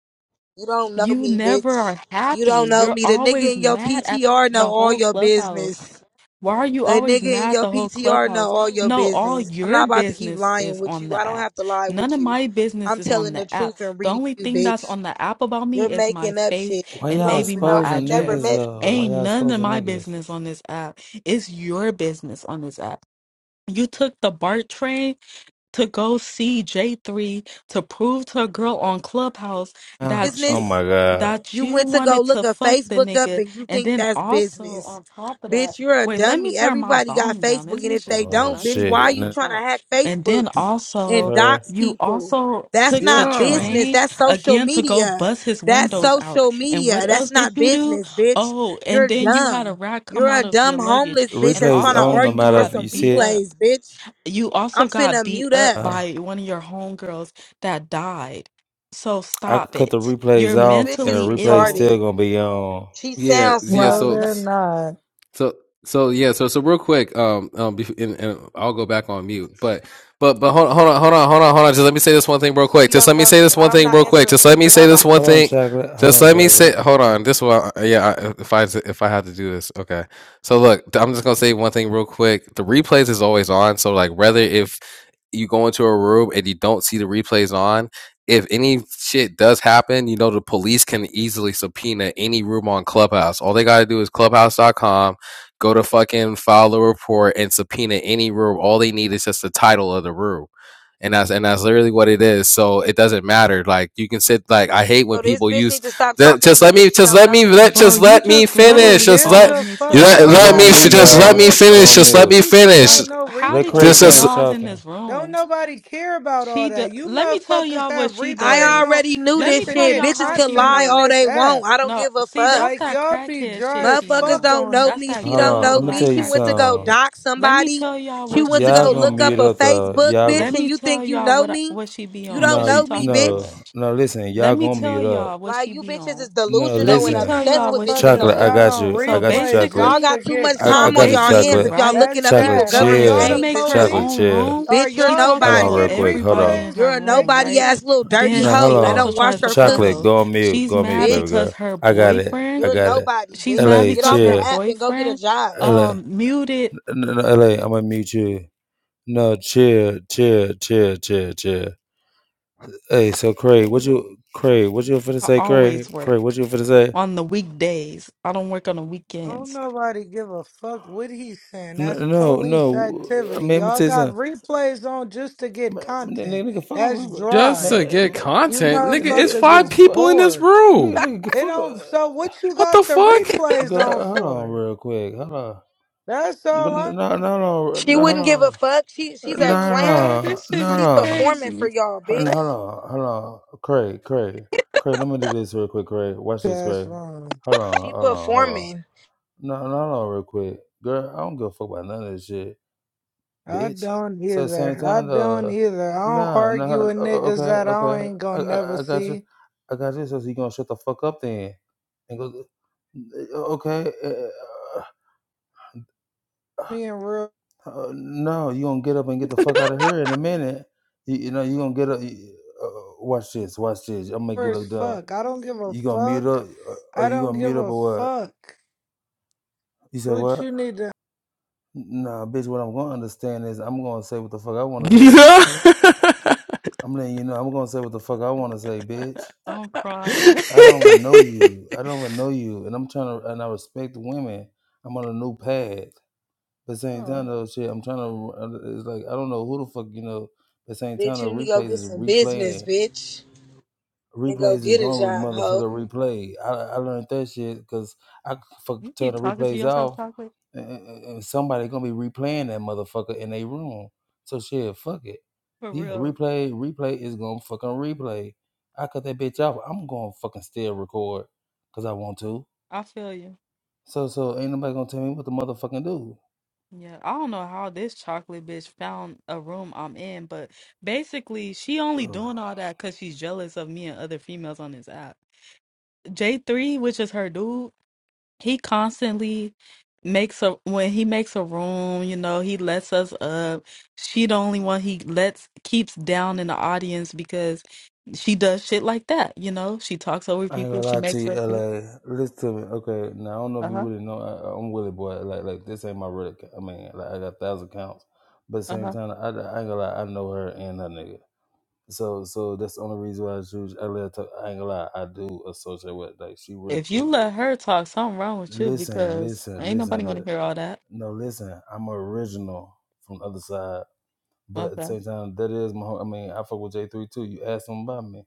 Speaker 2: You don't know
Speaker 4: You
Speaker 2: me,
Speaker 4: never
Speaker 2: bitch.
Speaker 4: are
Speaker 2: You
Speaker 4: happy.
Speaker 2: don't know
Speaker 4: You're
Speaker 2: me. The nigga
Speaker 4: always
Speaker 2: in your
Speaker 4: mad at
Speaker 2: PTR know
Speaker 4: the
Speaker 2: all
Speaker 4: whole
Speaker 2: your
Speaker 4: clubhouse.
Speaker 2: business.
Speaker 4: Why are you
Speaker 2: The
Speaker 4: always
Speaker 2: nigga
Speaker 4: mad
Speaker 2: in
Speaker 4: at
Speaker 2: your
Speaker 4: the whole
Speaker 2: PTR
Speaker 4: clubhouse?
Speaker 2: know all your
Speaker 4: No, all
Speaker 2: business. I'm
Speaker 4: your
Speaker 2: not about to keep
Speaker 4: business is
Speaker 2: lying with
Speaker 4: on
Speaker 2: you. I
Speaker 4: the
Speaker 2: don't
Speaker 4: app.
Speaker 2: have to lie
Speaker 4: None of
Speaker 2: with you.
Speaker 4: my business
Speaker 2: I'm
Speaker 4: is on
Speaker 2: telling
Speaker 4: the
Speaker 2: the
Speaker 4: app.
Speaker 2: truth and
Speaker 4: The
Speaker 2: reading
Speaker 4: only
Speaker 2: you,
Speaker 4: thing that's
Speaker 2: bitch.
Speaker 4: on the app about
Speaker 2: You're
Speaker 4: me is my
Speaker 2: making up
Speaker 4: face
Speaker 2: shit. You
Speaker 4: and
Speaker 2: don't
Speaker 4: maybe
Speaker 2: even
Speaker 4: my
Speaker 2: know me. You never
Speaker 4: address.
Speaker 2: met me.
Speaker 4: Ain't none of my business on this app. It's your business on this app. You took the BART train to go see J3 to prove to a girl on Clubhouse that you
Speaker 2: Business.
Speaker 1: Out.
Speaker 4: that
Speaker 2: You
Speaker 4: you
Speaker 2: went to go
Speaker 4: wanted to
Speaker 2: look a
Speaker 4: fuck the
Speaker 2: Facebook up
Speaker 4: nigga.
Speaker 2: and you
Speaker 4: And
Speaker 2: think
Speaker 4: then
Speaker 2: that's
Speaker 4: also
Speaker 2: business.
Speaker 4: on top of that,
Speaker 2: Bitch, you're a
Speaker 4: wait, let me
Speaker 2: dummy.
Speaker 4: turn my
Speaker 2: Everybody got
Speaker 4: volume down. This
Speaker 2: Facebook. And if
Speaker 4: bitch is
Speaker 2: they
Speaker 4: loud.
Speaker 1: Oh
Speaker 4: I
Speaker 2: don't,
Speaker 4: can't
Speaker 2: bitch,
Speaker 4: even
Speaker 2: why are
Speaker 1: shit.
Speaker 2: you
Speaker 4: fucking
Speaker 2: trying to
Speaker 4: talk.
Speaker 2: hack
Speaker 4: And then
Speaker 2: Facebooks and
Speaker 4: also
Speaker 1: Never.
Speaker 2: dox
Speaker 4: you
Speaker 2: people?
Speaker 4: also
Speaker 2: That's
Speaker 4: took the
Speaker 2: not
Speaker 3: Yeah.
Speaker 2: business.
Speaker 4: train
Speaker 2: That's social
Speaker 4: again to go
Speaker 2: media.
Speaker 4: bust his
Speaker 2: That's
Speaker 4: windows out.
Speaker 2: social
Speaker 4: And
Speaker 2: media.
Speaker 4: what else
Speaker 2: That's
Speaker 4: did
Speaker 2: not
Speaker 4: you do?
Speaker 2: business, bitch.
Speaker 4: Oh, and
Speaker 2: You're
Speaker 4: then you had a
Speaker 2: dumb.
Speaker 4: rat
Speaker 2: You're
Speaker 4: come
Speaker 2: a
Speaker 4: out of your
Speaker 2: dumb homeless
Speaker 4: luggage.
Speaker 2: bitch
Speaker 4: And
Speaker 2: that's
Speaker 1: Replay's
Speaker 2: trying to
Speaker 4: also
Speaker 1: on, no
Speaker 4: you
Speaker 2: argue
Speaker 1: matter
Speaker 2: for
Speaker 1: if
Speaker 4: got
Speaker 2: some
Speaker 1: you see
Speaker 4: beat
Speaker 1: it.
Speaker 4: up.
Speaker 2: replays, bitch.
Speaker 4: You also
Speaker 2: I'm
Speaker 4: got
Speaker 2: finna
Speaker 4: beat
Speaker 2: mute
Speaker 4: up
Speaker 2: up.
Speaker 1: Huh?
Speaker 4: by one of your homegirls that died. So
Speaker 1: I could
Speaker 4: stop
Speaker 1: cut the
Speaker 4: it.
Speaker 1: replays
Speaker 4: You're
Speaker 2: This
Speaker 1: off,
Speaker 2: bitch
Speaker 1: and the
Speaker 2: is
Speaker 4: mentally
Speaker 1: replays
Speaker 4: ill.
Speaker 1: still
Speaker 2: retarded.
Speaker 1: gonna be on.
Speaker 2: She
Speaker 3: Yeah.
Speaker 2: sounds
Speaker 3: Yeah.
Speaker 5: No,
Speaker 2: slow.
Speaker 3: So
Speaker 4: No,
Speaker 5: they're not.
Speaker 3: So so yeah so so real quick um um bef- and, and I'll go back on mute but but but hold on hold on hold on hold on hold on just let me say this one thing real quick
Speaker 2: You
Speaker 3: just
Speaker 2: don't
Speaker 3: let me
Speaker 2: know
Speaker 3: say
Speaker 2: me.
Speaker 3: this one
Speaker 2: I'm
Speaker 3: thing
Speaker 2: not
Speaker 3: real quick
Speaker 2: answering
Speaker 3: just let
Speaker 2: shit
Speaker 3: me
Speaker 2: for
Speaker 3: say this one
Speaker 2: nobody.
Speaker 1: Hold on,
Speaker 3: thing
Speaker 1: chocolate. Hold
Speaker 3: just
Speaker 1: on,
Speaker 3: let me say
Speaker 1: chocolate.
Speaker 3: hold on this one yeah I, if I if I had to do this okay so look I'm just gonna say one thing real quick the replays is always on so like whether if you go into a room and you don't see the replays on if any shit does happen you know the police can easily subpoena any room on Clubhouse all they gotta do is clubhouse.com Go to fucking file a report and subpoena any room. All they need is just the title of the room. And that's and that's literally what it is. So it doesn't matter. Like you can sit like I hate when
Speaker 2: So this
Speaker 3: people
Speaker 2: bitch
Speaker 3: use
Speaker 2: need to stop
Speaker 3: that
Speaker 2: talking to
Speaker 3: just
Speaker 2: me
Speaker 3: let
Speaker 2: because
Speaker 3: me
Speaker 2: she
Speaker 3: just
Speaker 2: don't
Speaker 3: let
Speaker 2: know
Speaker 3: me
Speaker 2: me.
Speaker 3: let
Speaker 4: bro,
Speaker 3: just
Speaker 4: you
Speaker 3: let me
Speaker 4: just
Speaker 5: Who
Speaker 3: finish.
Speaker 4: literally
Speaker 3: Just
Speaker 5: gives
Speaker 3: let
Speaker 4: followed
Speaker 5: a
Speaker 4: me
Speaker 3: you
Speaker 4: to
Speaker 5: fuck?
Speaker 4: a
Speaker 3: let,
Speaker 1: Hey,
Speaker 3: let
Speaker 1: go
Speaker 3: me
Speaker 4: room.
Speaker 5: Nobody
Speaker 1: on mute,
Speaker 5: want to
Speaker 3: just
Speaker 5: hear
Speaker 3: let me
Speaker 1: y'all.
Speaker 5: your
Speaker 1: Go
Speaker 3: finish.
Speaker 1: on
Speaker 5: fucking
Speaker 3: Just let me
Speaker 1: mute.
Speaker 5: speech
Speaker 3: finish.
Speaker 5: about
Speaker 4: Like,
Speaker 5: no
Speaker 4: how
Speaker 1: Let
Speaker 4: did you
Speaker 1: Craig
Speaker 3: This
Speaker 5: replays.
Speaker 4: even know
Speaker 3: is
Speaker 1: finish
Speaker 4: I was in
Speaker 1: talking.
Speaker 4: this
Speaker 5: Don't
Speaker 4: room?
Speaker 5: nobody care about
Speaker 4: She
Speaker 5: all
Speaker 4: do-
Speaker 5: that. You
Speaker 4: let me tell
Speaker 5: motherfuckers
Speaker 4: y'all what
Speaker 5: have
Speaker 4: she
Speaker 5: replays
Speaker 2: I
Speaker 4: does.
Speaker 5: on
Speaker 2: already knew
Speaker 4: Let me
Speaker 5: just
Speaker 2: this
Speaker 5: to
Speaker 4: tell
Speaker 2: shit.
Speaker 5: get
Speaker 4: y'all
Speaker 2: Bitches
Speaker 4: how
Speaker 2: can
Speaker 4: she
Speaker 5: content
Speaker 2: lie
Speaker 5: on
Speaker 2: all
Speaker 4: moves.
Speaker 5: this
Speaker 2: they
Speaker 5: app.
Speaker 2: want. I don't
Speaker 4: No,
Speaker 2: give a
Speaker 4: see, that's
Speaker 2: fuck.
Speaker 5: Like,
Speaker 4: that
Speaker 5: y'all be
Speaker 4: crackhead
Speaker 5: dry
Speaker 4: shit
Speaker 5: as
Speaker 4: she
Speaker 2: Motherfuckers
Speaker 5: fuck
Speaker 4: on.
Speaker 2: don't
Speaker 5: on.
Speaker 2: know
Speaker 4: That's
Speaker 2: me.
Speaker 4: that
Speaker 2: She
Speaker 1: Hold
Speaker 2: don't
Speaker 1: on.
Speaker 4: ghetto
Speaker 2: know
Speaker 1: I'm gonna
Speaker 2: me.
Speaker 4: black
Speaker 1: tell
Speaker 2: She
Speaker 1: you
Speaker 2: went to
Speaker 4: crackhead
Speaker 2: go
Speaker 1: something.
Speaker 4: shit.
Speaker 2: dock
Speaker 4: Let me
Speaker 2: somebody.
Speaker 4: tell y'all
Speaker 2: She
Speaker 4: what
Speaker 2: went
Speaker 4: she
Speaker 2: to
Speaker 1: Y'all
Speaker 4: be
Speaker 2: go
Speaker 1: gonna
Speaker 2: look
Speaker 4: on,
Speaker 2: up
Speaker 1: mute
Speaker 2: a
Speaker 4: bruh.
Speaker 1: up the
Speaker 2: Facebook
Speaker 1: y'all.
Speaker 4: Let
Speaker 2: bitch
Speaker 1: Go,
Speaker 2: and
Speaker 4: me
Speaker 2: you
Speaker 4: tell
Speaker 2: think you
Speaker 4: y'all
Speaker 2: know
Speaker 4: what I,
Speaker 2: me?
Speaker 4: what she be
Speaker 2: You
Speaker 4: on,
Speaker 2: don't
Speaker 4: cause
Speaker 1: no,
Speaker 4: she
Speaker 2: know me,
Speaker 4: talking too
Speaker 1: no,
Speaker 2: bitch.
Speaker 4: much.
Speaker 1: no. Listen,
Speaker 4: Let
Speaker 1: y'all
Speaker 4: me
Speaker 1: gonna
Speaker 4: tell
Speaker 1: mute up.
Speaker 4: y'all what
Speaker 2: Like
Speaker 4: she
Speaker 2: you
Speaker 4: be
Speaker 2: bitches
Speaker 4: on.
Speaker 2: is
Speaker 1: No,
Speaker 4: Let
Speaker 2: delusional
Speaker 4: me
Speaker 2: and
Speaker 1: listen,
Speaker 5: You
Speaker 4: tell
Speaker 2: obsessed
Speaker 4: y'all
Speaker 2: with
Speaker 4: what she
Speaker 2: bitches
Speaker 4: be
Speaker 2: on
Speaker 5: motherfuckers
Speaker 1: chocolate. I
Speaker 4: on.
Speaker 5: got
Speaker 2: here.
Speaker 1: got
Speaker 5: on
Speaker 1: you. I
Speaker 4: So
Speaker 1: got you,
Speaker 5: replays
Speaker 1: chocolate.
Speaker 2: Y'all
Speaker 5: just
Speaker 4: basically,
Speaker 2: got
Speaker 5: to
Speaker 2: too much
Speaker 5: get
Speaker 1: I, I
Speaker 4: so
Speaker 2: time on
Speaker 1: got you,
Speaker 2: y'all
Speaker 5: content.
Speaker 4: basically,
Speaker 2: hands
Speaker 1: chocolate.
Speaker 2: if y'all
Speaker 4: right?
Speaker 5: That's
Speaker 2: looking up people
Speaker 1: Chocolate,
Speaker 5: sad. Are
Speaker 4: When
Speaker 2: government
Speaker 5: y'all
Speaker 4: she
Speaker 5: the
Speaker 1: chill.
Speaker 2: names
Speaker 4: makes
Speaker 2: and
Speaker 4: her
Speaker 2: shit.
Speaker 1: Chocolate,
Speaker 5: police?
Speaker 4: own
Speaker 1: chill.
Speaker 4: room,
Speaker 5: Are
Speaker 2: Bitch, you're
Speaker 4: she
Speaker 5: y'all
Speaker 4: talks
Speaker 1: Hold
Speaker 5: trying to
Speaker 1: on,
Speaker 2: nobody.
Speaker 4: about
Speaker 1: real
Speaker 5: get
Speaker 1: quick. Hold
Speaker 4: everybody
Speaker 1: on.
Speaker 4: in
Speaker 5: replays?
Speaker 2: You're
Speaker 4: her
Speaker 2: a
Speaker 4: room,
Speaker 5: Make it,
Speaker 2: nobody
Speaker 4: right?
Speaker 5: man.
Speaker 2: ass little dirty
Speaker 1: No,
Speaker 4: Then
Speaker 1: hold
Speaker 4: she
Speaker 2: hoe that
Speaker 4: also
Speaker 1: on.
Speaker 2: don't
Speaker 4: tries
Speaker 2: wash
Speaker 4: to
Speaker 2: her
Speaker 1: Chocolate,
Speaker 4: follow.
Speaker 2: pussy,
Speaker 1: go on mute.
Speaker 4: She's
Speaker 1: Go on mute,
Speaker 4: mad
Speaker 1: baby
Speaker 4: because
Speaker 1: girl.
Speaker 2: bitch.
Speaker 4: her
Speaker 1: I got it.
Speaker 4: boyfriend,
Speaker 1: I
Speaker 2: You're a
Speaker 1: got it.
Speaker 2: nobody,
Speaker 4: she's mad
Speaker 2: bitch.
Speaker 1: LA,
Speaker 2: Get
Speaker 4: because
Speaker 2: off the
Speaker 4: her
Speaker 1: chill.
Speaker 2: app and go get a
Speaker 4: boyfriend
Speaker 2: job.
Speaker 1: LA,
Speaker 4: um muted
Speaker 1: no, no, LA, I'm gonna mute you. No, chill, chill, chill, chill, chill. Hey, so Craig, what you, Craig, what you finna
Speaker 4: I
Speaker 1: say, Craig?
Speaker 4: always work
Speaker 1: Craig, what you finna say?
Speaker 4: on the weekdays. I don't work on the
Speaker 5: Don't
Speaker 4: weekends.
Speaker 5: nobody give a fuck what he's saying. That's
Speaker 1: N- No,
Speaker 5: police
Speaker 1: no. I mean,
Speaker 5: activity.
Speaker 1: let me
Speaker 5: Y'all
Speaker 1: tell you
Speaker 5: got
Speaker 1: something.
Speaker 5: replays on just to get
Speaker 1: Man, man,
Speaker 5: content.
Speaker 1: nigga, nigga, fuck a
Speaker 5: That's
Speaker 1: river.
Speaker 3: just
Speaker 1: Man,
Speaker 5: dry.
Speaker 3: to get
Speaker 1: man,
Speaker 5: You
Speaker 3: content,
Speaker 1: man,
Speaker 3: nigga. It's
Speaker 1: nigga,
Speaker 5: motherfuckers
Speaker 3: five
Speaker 1: nigga,
Speaker 5: is
Speaker 3: people
Speaker 1: fuck,
Speaker 3: in this
Speaker 5: bored.
Speaker 1: nigga,
Speaker 3: room.
Speaker 1: nigga,
Speaker 5: It
Speaker 1: fuck
Speaker 5: don't. So
Speaker 1: a.
Speaker 5: what you
Speaker 3: What the
Speaker 5: got the
Speaker 3: fuck?
Speaker 5: replays on
Speaker 1: Girl, hold on,
Speaker 5: for?
Speaker 1: real quick. Hold on.
Speaker 5: That's
Speaker 1: No,
Speaker 5: all I.
Speaker 1: no, no, no,
Speaker 2: She
Speaker 1: no, hold
Speaker 2: wouldn't give a
Speaker 1: on.
Speaker 2: fuck. She she's
Speaker 1: No,
Speaker 4: Hey,
Speaker 2: a
Speaker 4: bro,
Speaker 2: clown.
Speaker 1: no,
Speaker 4: this shit
Speaker 1: no,
Speaker 2: She
Speaker 4: is
Speaker 1: no.
Speaker 2: performing for
Speaker 4: crazy.
Speaker 2: y'all,
Speaker 1: Hold on, hold
Speaker 2: bitch.
Speaker 1: on, hold on. Craig, Craig, Craig. Let me do this real quick, Craig. Watch this,
Speaker 5: That's
Speaker 1: Craig.
Speaker 5: wrong.
Speaker 1: Hold on,
Speaker 2: She
Speaker 1: hold on, hold on.
Speaker 2: performing.
Speaker 1: No, no, no, real quick. Girl, I don't give a fuck about none of this shit.
Speaker 5: I
Speaker 1: bitch.
Speaker 5: don't
Speaker 1: So at the same
Speaker 5: either. I
Speaker 1: time,
Speaker 5: don't
Speaker 1: uh,
Speaker 5: either. I don't
Speaker 1: nah,
Speaker 5: argue
Speaker 1: nah,
Speaker 5: with
Speaker 1: o- o-
Speaker 5: niggas
Speaker 1: okay,
Speaker 5: that I
Speaker 1: okay,
Speaker 5: ain't
Speaker 1: I,
Speaker 5: gonna never
Speaker 1: I, I got you,
Speaker 5: see.
Speaker 1: I got you. So so, you gonna shut the fuck up then? And go, uh, okay, uh, uh,
Speaker 5: Me and real
Speaker 1: uh, no, you gonna get up and get the fuck out of here in a minute. You, you know, you gonna get up. You, uh, watch this, watch this. I'm gonna make you
Speaker 5: as
Speaker 1: look dumb.
Speaker 5: fuck. I don't give a
Speaker 1: You gonna
Speaker 5: fuck.
Speaker 1: mute up? or or
Speaker 5: I
Speaker 1: you
Speaker 5: don't
Speaker 1: gonna
Speaker 5: give
Speaker 1: mute up
Speaker 5: a
Speaker 1: or what?
Speaker 5: fuck.
Speaker 1: You
Speaker 5: So
Speaker 1: said
Speaker 5: what
Speaker 1: what?
Speaker 5: you need to
Speaker 1: Nah, bitch. What I'm gonna understand is I'm gonna say what the fuck I wanna say.
Speaker 3: Yeah.
Speaker 1: I'm letting you know I'm gonna say what the fuck I wanna say, bitch.
Speaker 4: I'm crying.
Speaker 1: I don't even know you. I don't even know you. And I'm trying to, and I respect the women. I'm on a new path. But same time
Speaker 4: Oh,
Speaker 1: though, shit, I'm trying to. It's like I don't know who the fuck you know. But same time,
Speaker 2: Bitch,
Speaker 1: the
Speaker 2: you need to go
Speaker 1: replays
Speaker 2: get
Speaker 1: is
Speaker 2: some business,
Speaker 1: replaying
Speaker 2: bitch. And go
Speaker 1: replays is
Speaker 2: get a
Speaker 1: gonna re-
Speaker 2: job, hoe.
Speaker 1: motherfucker replay. I, I learned that shit because I could
Speaker 4: you
Speaker 1: fuck turn
Speaker 4: keep
Speaker 1: the
Speaker 4: talking to
Speaker 1: replays
Speaker 4: yourself,
Speaker 1: off,
Speaker 4: chocolate?
Speaker 1: and, and and somebody gonna be replaying that motherfucker in their room. So shit, fuck it.
Speaker 4: For
Speaker 1: Yeah,
Speaker 4: real.
Speaker 1: replay, replay is gonna fucking replay. I cut that bitch off. I'm gonna fucking still record because I want to.
Speaker 4: I feel you.
Speaker 1: So so ain't nobody gonna tell me what to motherfucking do.
Speaker 4: Yeah, I don't know how this chocolate bitch found a room I'm in, but basically, she only
Speaker 1: Ugh.
Speaker 4: doing all that because she's jealous of me and other females on this app. J3, which is her dude, he constantly makes a when he makes a room you know he lets us up she the only one he lets keeps down in the audience because she does shit like that you know she talks over
Speaker 1: I ain't
Speaker 4: people
Speaker 1: gonna
Speaker 4: she
Speaker 1: lie to
Speaker 4: makes
Speaker 1: you,
Speaker 4: up shit
Speaker 1: LA. Listen to me, okay? Now I don't know if you
Speaker 4: uh-huh
Speaker 1: really know. I, I'm Willie boy. Like, like this ain't my real. account. I mean, like I got a thousand accounts, but at the same
Speaker 4: uh-huh
Speaker 1: time, I, I ain't gonna lie. I know her and her nigga. So, so that's the only reason why I choose LA. To, I ain't gonna lie. I do associate with like she really
Speaker 4: if you
Speaker 1: cool.
Speaker 4: let her talk something wrong with you
Speaker 1: Listen,
Speaker 4: because
Speaker 1: listen,
Speaker 4: ain't nobody
Speaker 1: listen.
Speaker 4: want
Speaker 1: Li-
Speaker 4: to hear all that
Speaker 1: no, listen. I'm original from the other side. But at the
Speaker 4: okay
Speaker 1: same time, that is my. hom- I mean, I fuck with J three too. You ask them about me,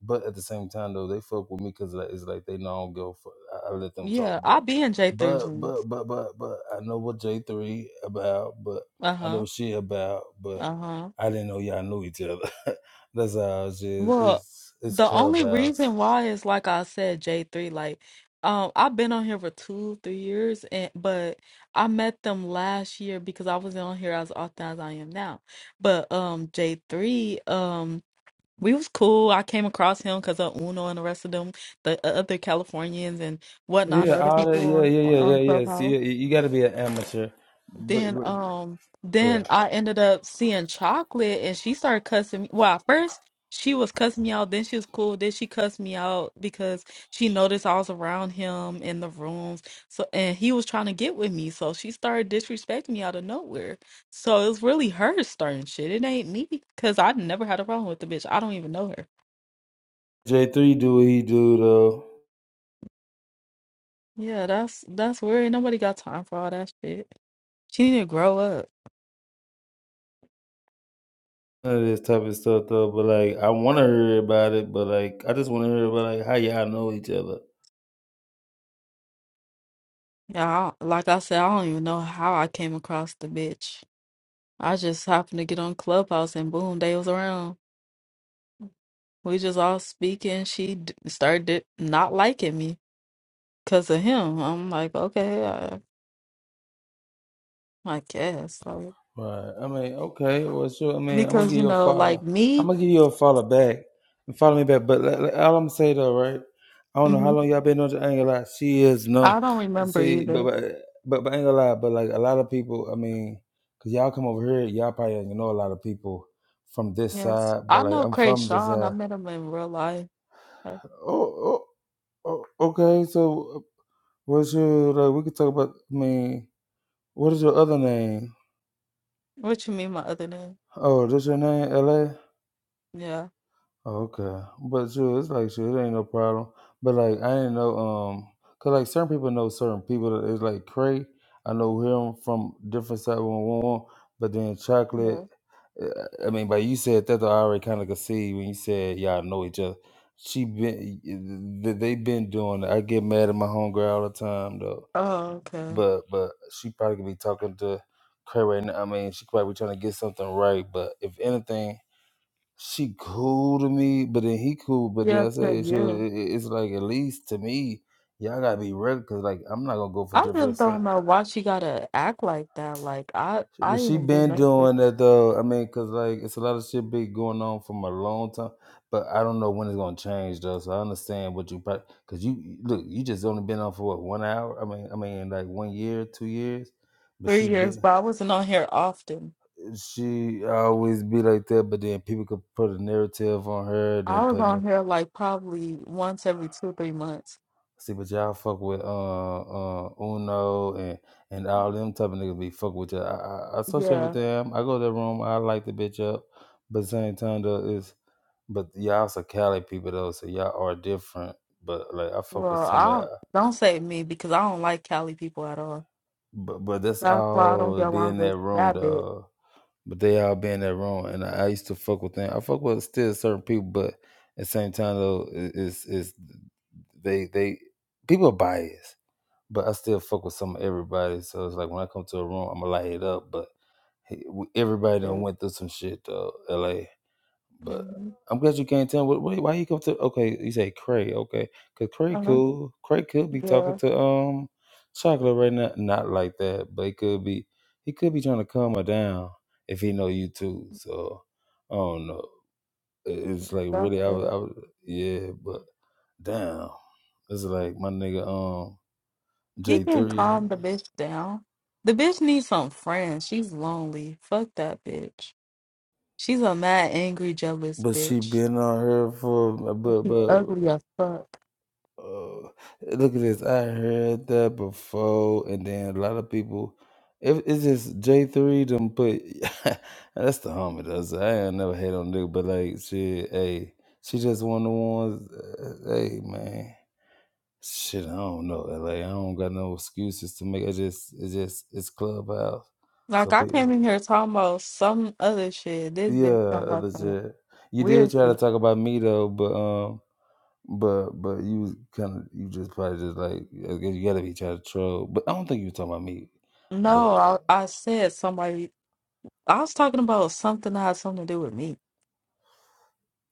Speaker 1: but at the same time though, they fuck with me because like, it's like they know I don't go for. I, I let them talk,
Speaker 4: yeah i'll
Speaker 1: but
Speaker 4: be in j threes
Speaker 1: but but but but but I know what J three about, but I know
Speaker 4: uh-huh
Speaker 1: what she about, but
Speaker 4: uh-huh
Speaker 1: I didn't know y'all knew each other. That's how it's
Speaker 4: Well,
Speaker 1: it's it's
Speaker 4: the only
Speaker 1: clubhouse.
Speaker 4: reason why is like I said, J3, like um I've been on here for two, three years and but I met them last year because I wasn't on here as often as I am now. But um J3, um we was cool. I came across him because of Uno and the rest of them, the uh, other Californians and whatnot, the
Speaker 1: Yeah,
Speaker 4: other
Speaker 1: all that.
Speaker 4: people
Speaker 1: Yeah,
Speaker 4: on
Speaker 1: yeah, yeah, yeah,
Speaker 4: on
Speaker 1: yeah.
Speaker 4: Clubhouse
Speaker 1: See, you got to be an amateur, but,
Speaker 4: then
Speaker 1: but
Speaker 4: um
Speaker 1: yeah.
Speaker 4: then I ended up seeing chocolate and she started cussing me. Well, at first she was cussing me out, then she was cool, then she cussed me out because she noticed I was around him in the rooms. So and he was trying to get with me. So she started disrespecting me out of nowhere. So it was really her starting shit. It ain't me because I never had a problem with the bitch. I don't even know her.
Speaker 1: J three do what he do though.
Speaker 4: Yeah, that's that's weird. Ain't Nobody got time for all that shit. She need to grow up.
Speaker 1: None of this type of stuff though, but like I want to hear about it, but like I just want to hear about like how y'all know each other.
Speaker 4: Yeah, I, like I said, I don't even know how I came across the bitch. I just happened to get on Clubhouse and boom, they was around. We just all speaking. She d- started not liking me because of him. I'm like, okay, I, I guess. Like,
Speaker 1: Right. I mean, okay. Well, sure. I mean, I'm gonna
Speaker 4: because,
Speaker 1: give
Speaker 4: you
Speaker 1: you a
Speaker 4: know, like
Speaker 1: follow. I'm
Speaker 4: me,
Speaker 1: gonna give you a follow back and follow me back. But like, like, all I'm saying though, right? I don't know how
Speaker 4: mhm,
Speaker 1: long y'all been on the angle lie. She is no.
Speaker 4: I don't remember
Speaker 1: See, but
Speaker 4: either.
Speaker 1: but but but angle lie. But like a lot of people, I mean, cause y'all come over here, y'all probably don't know a lot of people from this
Speaker 4: Yes.
Speaker 1: side.
Speaker 4: I
Speaker 1: But like
Speaker 4: know
Speaker 1: I'm
Speaker 4: Cray
Speaker 1: from the
Speaker 4: Sean. I
Speaker 1: side.
Speaker 4: met him in real life. Like,
Speaker 1: Oh, oh, oh okay. So What's your like? We could talk about. I mean, what is your other name?
Speaker 4: What you mean, my other name?
Speaker 1: Oh, that's your name, L.A.
Speaker 4: Yeah.
Speaker 1: Oh, okay, but sure, it's like sure, it ain't no problem. But like, I didn't know, um, cause like certain people know certain people. That it's like Cray. I know him from different side one one one. But then
Speaker 4: Yeah.
Speaker 1: Chocolate. uh, I mean, but you said that though, I already kind of could see when you said y'all know each other. She been th- they been doing it. I get mad at my homegirl all the time though.
Speaker 4: Oh, okay.
Speaker 1: but but she probably could be talking to Kurt right now. I mean, she probably trying to get something right. But if anything, she cool to me. But then he cool. But
Speaker 4: Yeah,
Speaker 1: then I
Speaker 4: to
Speaker 1: say she,
Speaker 4: you.
Speaker 1: it- it- it's like at least to me, y'all gotta be ready because like I'm not gonna go for
Speaker 4: I just
Speaker 1: different stuff.
Speaker 4: don't know why she gotta act like that. Like I, I
Speaker 1: But she
Speaker 4: even do
Speaker 1: been
Speaker 4: nothing.
Speaker 1: doing that though. I mean, cause like it's a lot of shit been going on from a long time. But I don't know when it's gonna change though. So I understand what you probably cause you look. You just only been on for what one hour. I mean, I mean like one year, two years. But
Speaker 4: three
Speaker 1: she
Speaker 4: years,
Speaker 1: been.
Speaker 4: but I wasn't on here often.
Speaker 1: she always be like that, but then people could put a narrative on her,
Speaker 4: I
Speaker 1: then
Speaker 4: was
Speaker 1: put
Speaker 4: on
Speaker 1: in
Speaker 4: here like probably once every two or three months.
Speaker 1: see, but y'all fuck with uh uh Uno and and all them type of niggas be fuck with you. I, I I associate with
Speaker 4: Yeah.
Speaker 1: them. I go to their room. I light the bitch up, but at the same time though, it's but y'all some Cali people though, so y'all are different. But like I fuck with
Speaker 4: Well,
Speaker 1: some of
Speaker 4: I don't,
Speaker 1: y'all,
Speaker 4: don't say me because I don't like Cali people at all.
Speaker 1: but but that's
Speaker 4: That's why I don't
Speaker 1: all
Speaker 4: get
Speaker 1: be
Speaker 4: along
Speaker 1: in
Speaker 4: with
Speaker 1: that room
Speaker 4: that bitch.
Speaker 1: though. but they all been that wrong. And I, I used to fuck with them. I fuck with still certain people, but at the same time though, it- it's it's they they people are biased, but I still fuck with some of everybody. So it's like when I come to a room, I'ma light it up. But hey, everybody done went through some shit though. La. But
Speaker 4: Mm-hmm.
Speaker 1: I'm glad you can't tell. What, wait, wait, why you come to? Okay, you say Cray. Okay, cause Cray
Speaker 4: Uh-huh.
Speaker 1: cool. Cray could be talking
Speaker 4: Yeah,
Speaker 1: to um Chocolate right now. Not like that, but he could be. He could be trying to calm her down if he know you too. So I don't know. It- It's like
Speaker 4: that's
Speaker 1: really, I was,
Speaker 4: it.
Speaker 1: I was yeah, but damn, it's like my nigga um
Speaker 4: He
Speaker 1: J
Speaker 4: can
Speaker 1: three.
Speaker 4: calm the bitch down. The bitch needs some friends. She's lonely. Fuck that bitch. She's a mad, angry, jealous
Speaker 1: But she
Speaker 4: bitch.
Speaker 1: been on her for
Speaker 4: And
Speaker 1: but
Speaker 4: She's
Speaker 1: but
Speaker 4: ugly as fuck.
Speaker 1: Oh, look at this. I heard that before, and then a lot of people. If it's just J three them put. that's the homie. That's I ain't never hate on nigga, but like shit, hey, she just one of the ones. Uh, hey man, shit, I don't know. uh, Like I don't got no excuses to make. It just, it just, it's clubhouse. So
Speaker 4: Like I came
Speaker 1: people,
Speaker 4: in here talking about some other shit. This
Speaker 1: yeah,
Speaker 4: bitch talking about
Speaker 1: other
Speaker 4: some
Speaker 1: shit. You did
Speaker 4: weird
Speaker 1: try to
Speaker 4: shit.
Speaker 1: talk about me though, but um. But but you was kind of you just probably just like I guess you gotta be trying to troll. But I don't think you were talking about me.
Speaker 4: No,
Speaker 1: But
Speaker 4: I I said somebody. I was talking about something that had something to do with me.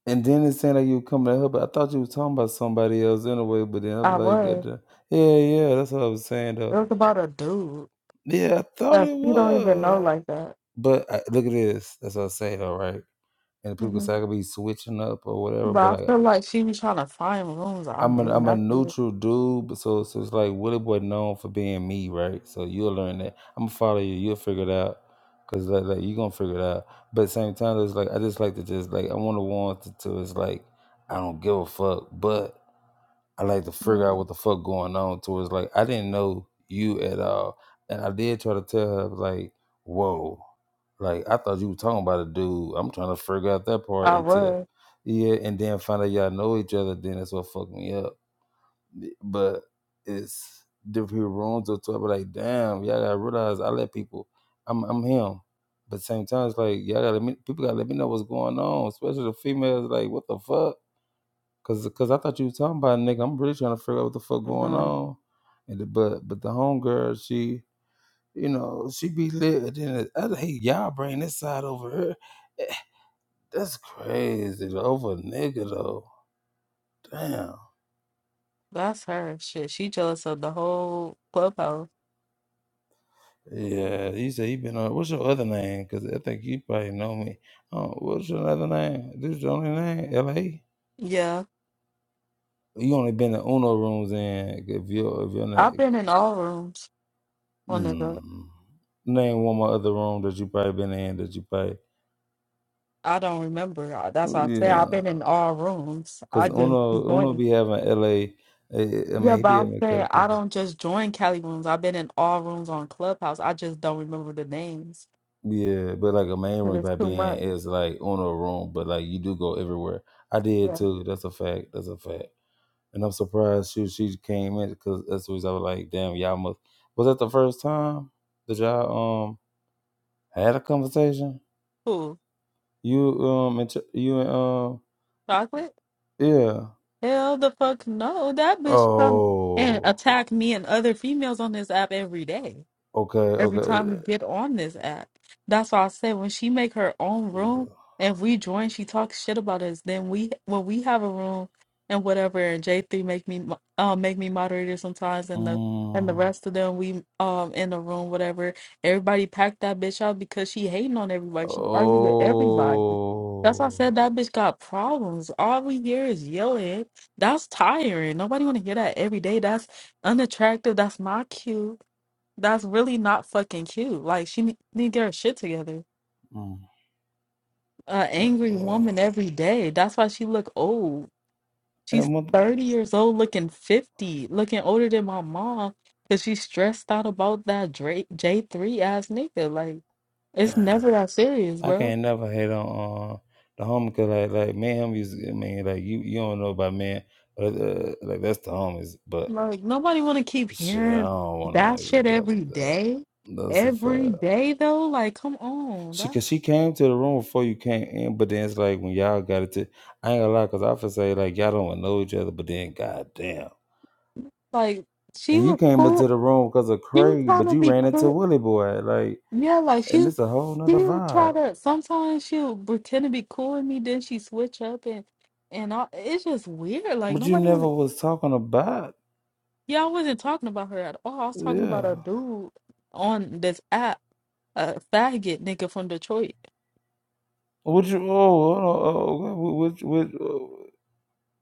Speaker 1: and then it sounded like you were coming to help. But I thought you were talking about somebody else anyway. But then
Speaker 4: I
Speaker 1: I'm like, "God
Speaker 4: was.
Speaker 1: damn." yeah, yeah, that's what I was saying
Speaker 4: It
Speaker 1: though.
Speaker 4: was about a dude
Speaker 1: Yeah, I thought
Speaker 4: that
Speaker 1: it
Speaker 4: she don't even know
Speaker 1: was.
Speaker 4: like that.
Speaker 1: But I, look at this. That's what I say though, right? And people
Speaker 4: hmm
Speaker 1: say I could be switching up or whatever.
Speaker 4: But
Speaker 1: But
Speaker 4: I
Speaker 1: like
Speaker 4: feel like she was trying to find rooms. i
Speaker 1: I'm
Speaker 4: mean,
Speaker 1: a I'm a
Speaker 4: That's it.
Speaker 1: neutral dude, but so so it's like Willie Boy known for being me, right? So you'll learn that. I'm gonna follow you. You'll figure it out, cause like, like you gonna figure it out. But at the same time, it's like I just like to just like I want to want to, to it's like I don't give a fuck, but I like to figure
Speaker 4: Yeah.
Speaker 1: out what the fuck going on. To it's like I didn't know you at all, and I did try to tell her like, whoa, like I thought you were talking about a dude. I'm trying to figure out that part
Speaker 4: I
Speaker 1: until.
Speaker 4: was.
Speaker 1: Yeah, and then find out y'all know each other. Then that's what fucked me up but it's different people wrongs or to it. But like, damn, y'all gotta realize I let people. I'm I'm him, but same time it's like y'all gotta let me, people gotta let me know what's going on, especially the females. Like, what the fuck? Cause cause I thought you was talking about a nigga. I'm really trying to figure out what the fuck going
Speaker 4: No,
Speaker 1: on. And the, but but the homegirl, she you know she be lit. And then the hey, y'all bring this side over here. Eh, That's crazy over a nigga though. Damn.
Speaker 4: that's her shit. She jealous of the whole clubhouse.
Speaker 1: Yeah, he said he been on. What's your other name? Because I think you probably know me. Oh, what's your other name? This your only name? L.A.
Speaker 4: Yeah,
Speaker 1: You only been in Uno rooms in. if your if your
Speaker 4: I've
Speaker 1: name
Speaker 4: been in all rooms. On the go.
Speaker 1: mm, name one more other room that you probably been in that you probably
Speaker 4: I don't remember. Uh, That's why I say
Speaker 1: yeah.
Speaker 4: I've been in all rooms. I
Speaker 1: Cause
Speaker 4: just be
Speaker 1: Uno Uno
Speaker 4: joining.
Speaker 1: be having L.A. eh, I I
Speaker 4: Yeah,
Speaker 1: mean he
Speaker 4: but
Speaker 1: be
Speaker 4: I'm
Speaker 1: having Cali
Speaker 4: saying I
Speaker 1: people.
Speaker 4: don't just join Cali rooms. I've been in all rooms on Clubhouse. I just don't remember the names
Speaker 1: Yeah, but like a main room
Speaker 4: because
Speaker 1: you
Speaker 4: it's
Speaker 1: probably
Speaker 4: too
Speaker 1: in
Speaker 4: much.
Speaker 1: is like Uno room, but like you do go everywhere. I did
Speaker 4: Yeah.
Speaker 1: too. That's a fact. That's a fact. And I'm surprised she she came in because that's the reason I was like, damn, y'all must. Was that the first time that y'all um had a conversation?
Speaker 4: Who?
Speaker 1: You um and Ch- you and um
Speaker 4: Chocolate?
Speaker 1: yeah.
Speaker 4: Hell the fuck no. That bitch come and
Speaker 1: Oh,
Speaker 4: attack me and other females on this app every day.
Speaker 1: okay,
Speaker 4: every
Speaker 1: okay.
Speaker 4: time we
Speaker 1: Uh,
Speaker 4: get on this app. That's why I said when she make her own room and we join, she talks shit about us. Then we when we have a room and whatever, and J three make me mo- uh, make me moderator sometimes, and the and the
Speaker 1: Mm.
Speaker 4: rest of them we um in the room whatever. Everybody packed that bitch out because she hating on everybody. She argue with everybody. That's why I said
Speaker 1: Oh.
Speaker 4: that bitch got problems. All we hear is yelling. That's tiring. Nobody want to hear that every day. That's unattractive. That's not cute. That's really not fucking cute. Like she ne- need to get her shit together.
Speaker 1: Mm.
Speaker 4: An angry
Speaker 1: Uh-oh.
Speaker 4: woman every day. That's why she look old. She's
Speaker 1: And what?
Speaker 4: 30 years old looking 50, looking older than my mom cuz she's stressed out about that Drake J3 ass nigga. Like it's never that serious,
Speaker 1: I
Speaker 4: bro.
Speaker 1: can't never hate on uh, the homie because like like me and him used. to- I mean, like you you don't know about man, but uh, like that's the homies, but.
Speaker 4: Like nobody want to keep
Speaker 1: Shit, I
Speaker 4: hearing
Speaker 1: don't want
Speaker 4: that
Speaker 1: to
Speaker 4: shit
Speaker 1: niggas up
Speaker 4: every
Speaker 1: with that.
Speaker 4: day.
Speaker 1: That's a
Speaker 4: Every
Speaker 1: fact.
Speaker 4: day though, like come on.
Speaker 1: She,
Speaker 4: That's
Speaker 1: cause she came to the room before you came in, but then it's like when y'all got it to, I ain't gonna lie, cause I feel say like y'all don't wanna know each other, but then goddamn,
Speaker 4: like she
Speaker 1: and you
Speaker 4: was
Speaker 1: came
Speaker 4: cool.
Speaker 1: into the room because of
Speaker 4: She was
Speaker 1: Craig,
Speaker 4: trying
Speaker 1: but
Speaker 4: to
Speaker 1: you
Speaker 4: be
Speaker 1: ran
Speaker 4: cool
Speaker 1: into Willie Boy, like,
Speaker 4: Yeah, like
Speaker 1: and
Speaker 4: she
Speaker 1: it's a whole nother
Speaker 4: she'll try
Speaker 1: vibe.
Speaker 4: to sometimes she'll pretend to be cool with me, then she switch up and and all, it's just weird. Like
Speaker 1: But you
Speaker 4: nobody
Speaker 1: never
Speaker 4: wanna
Speaker 1: was talking about,
Speaker 4: yeah, I wasn't talking about her at all. I was talking about
Speaker 1: yeah.
Speaker 4: a dude on this app, a faggot nigga from Detroit,
Speaker 1: Which you, oh, oh, oh which which uh,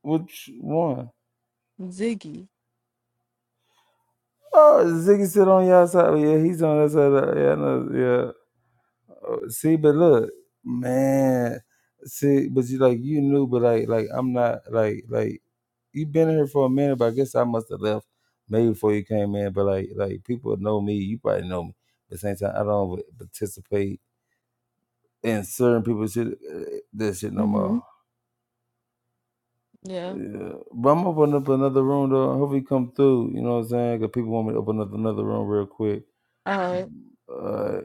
Speaker 1: which one?
Speaker 4: Ziggy.
Speaker 1: Oh, Ziggy sit on y'all side. Yeah, he's on that side. Yeah, I know. yeah. Uh, See, but look, man. See, but you like you knew, but like like I'm not like like you been here for a minute, but I guess I must have left maybe before you came in. But like like people know me, you probably know me. But same time, I don't really participate in certain people's shit. uh, This shit no
Speaker 4: Mm-hmm.
Speaker 1: more. Yeah. But I'm opening up another room though. I hope you come through. You know what I'm saying? Cause people want me to open up another room real quick.
Speaker 4: Yeah.
Speaker 1: Uh,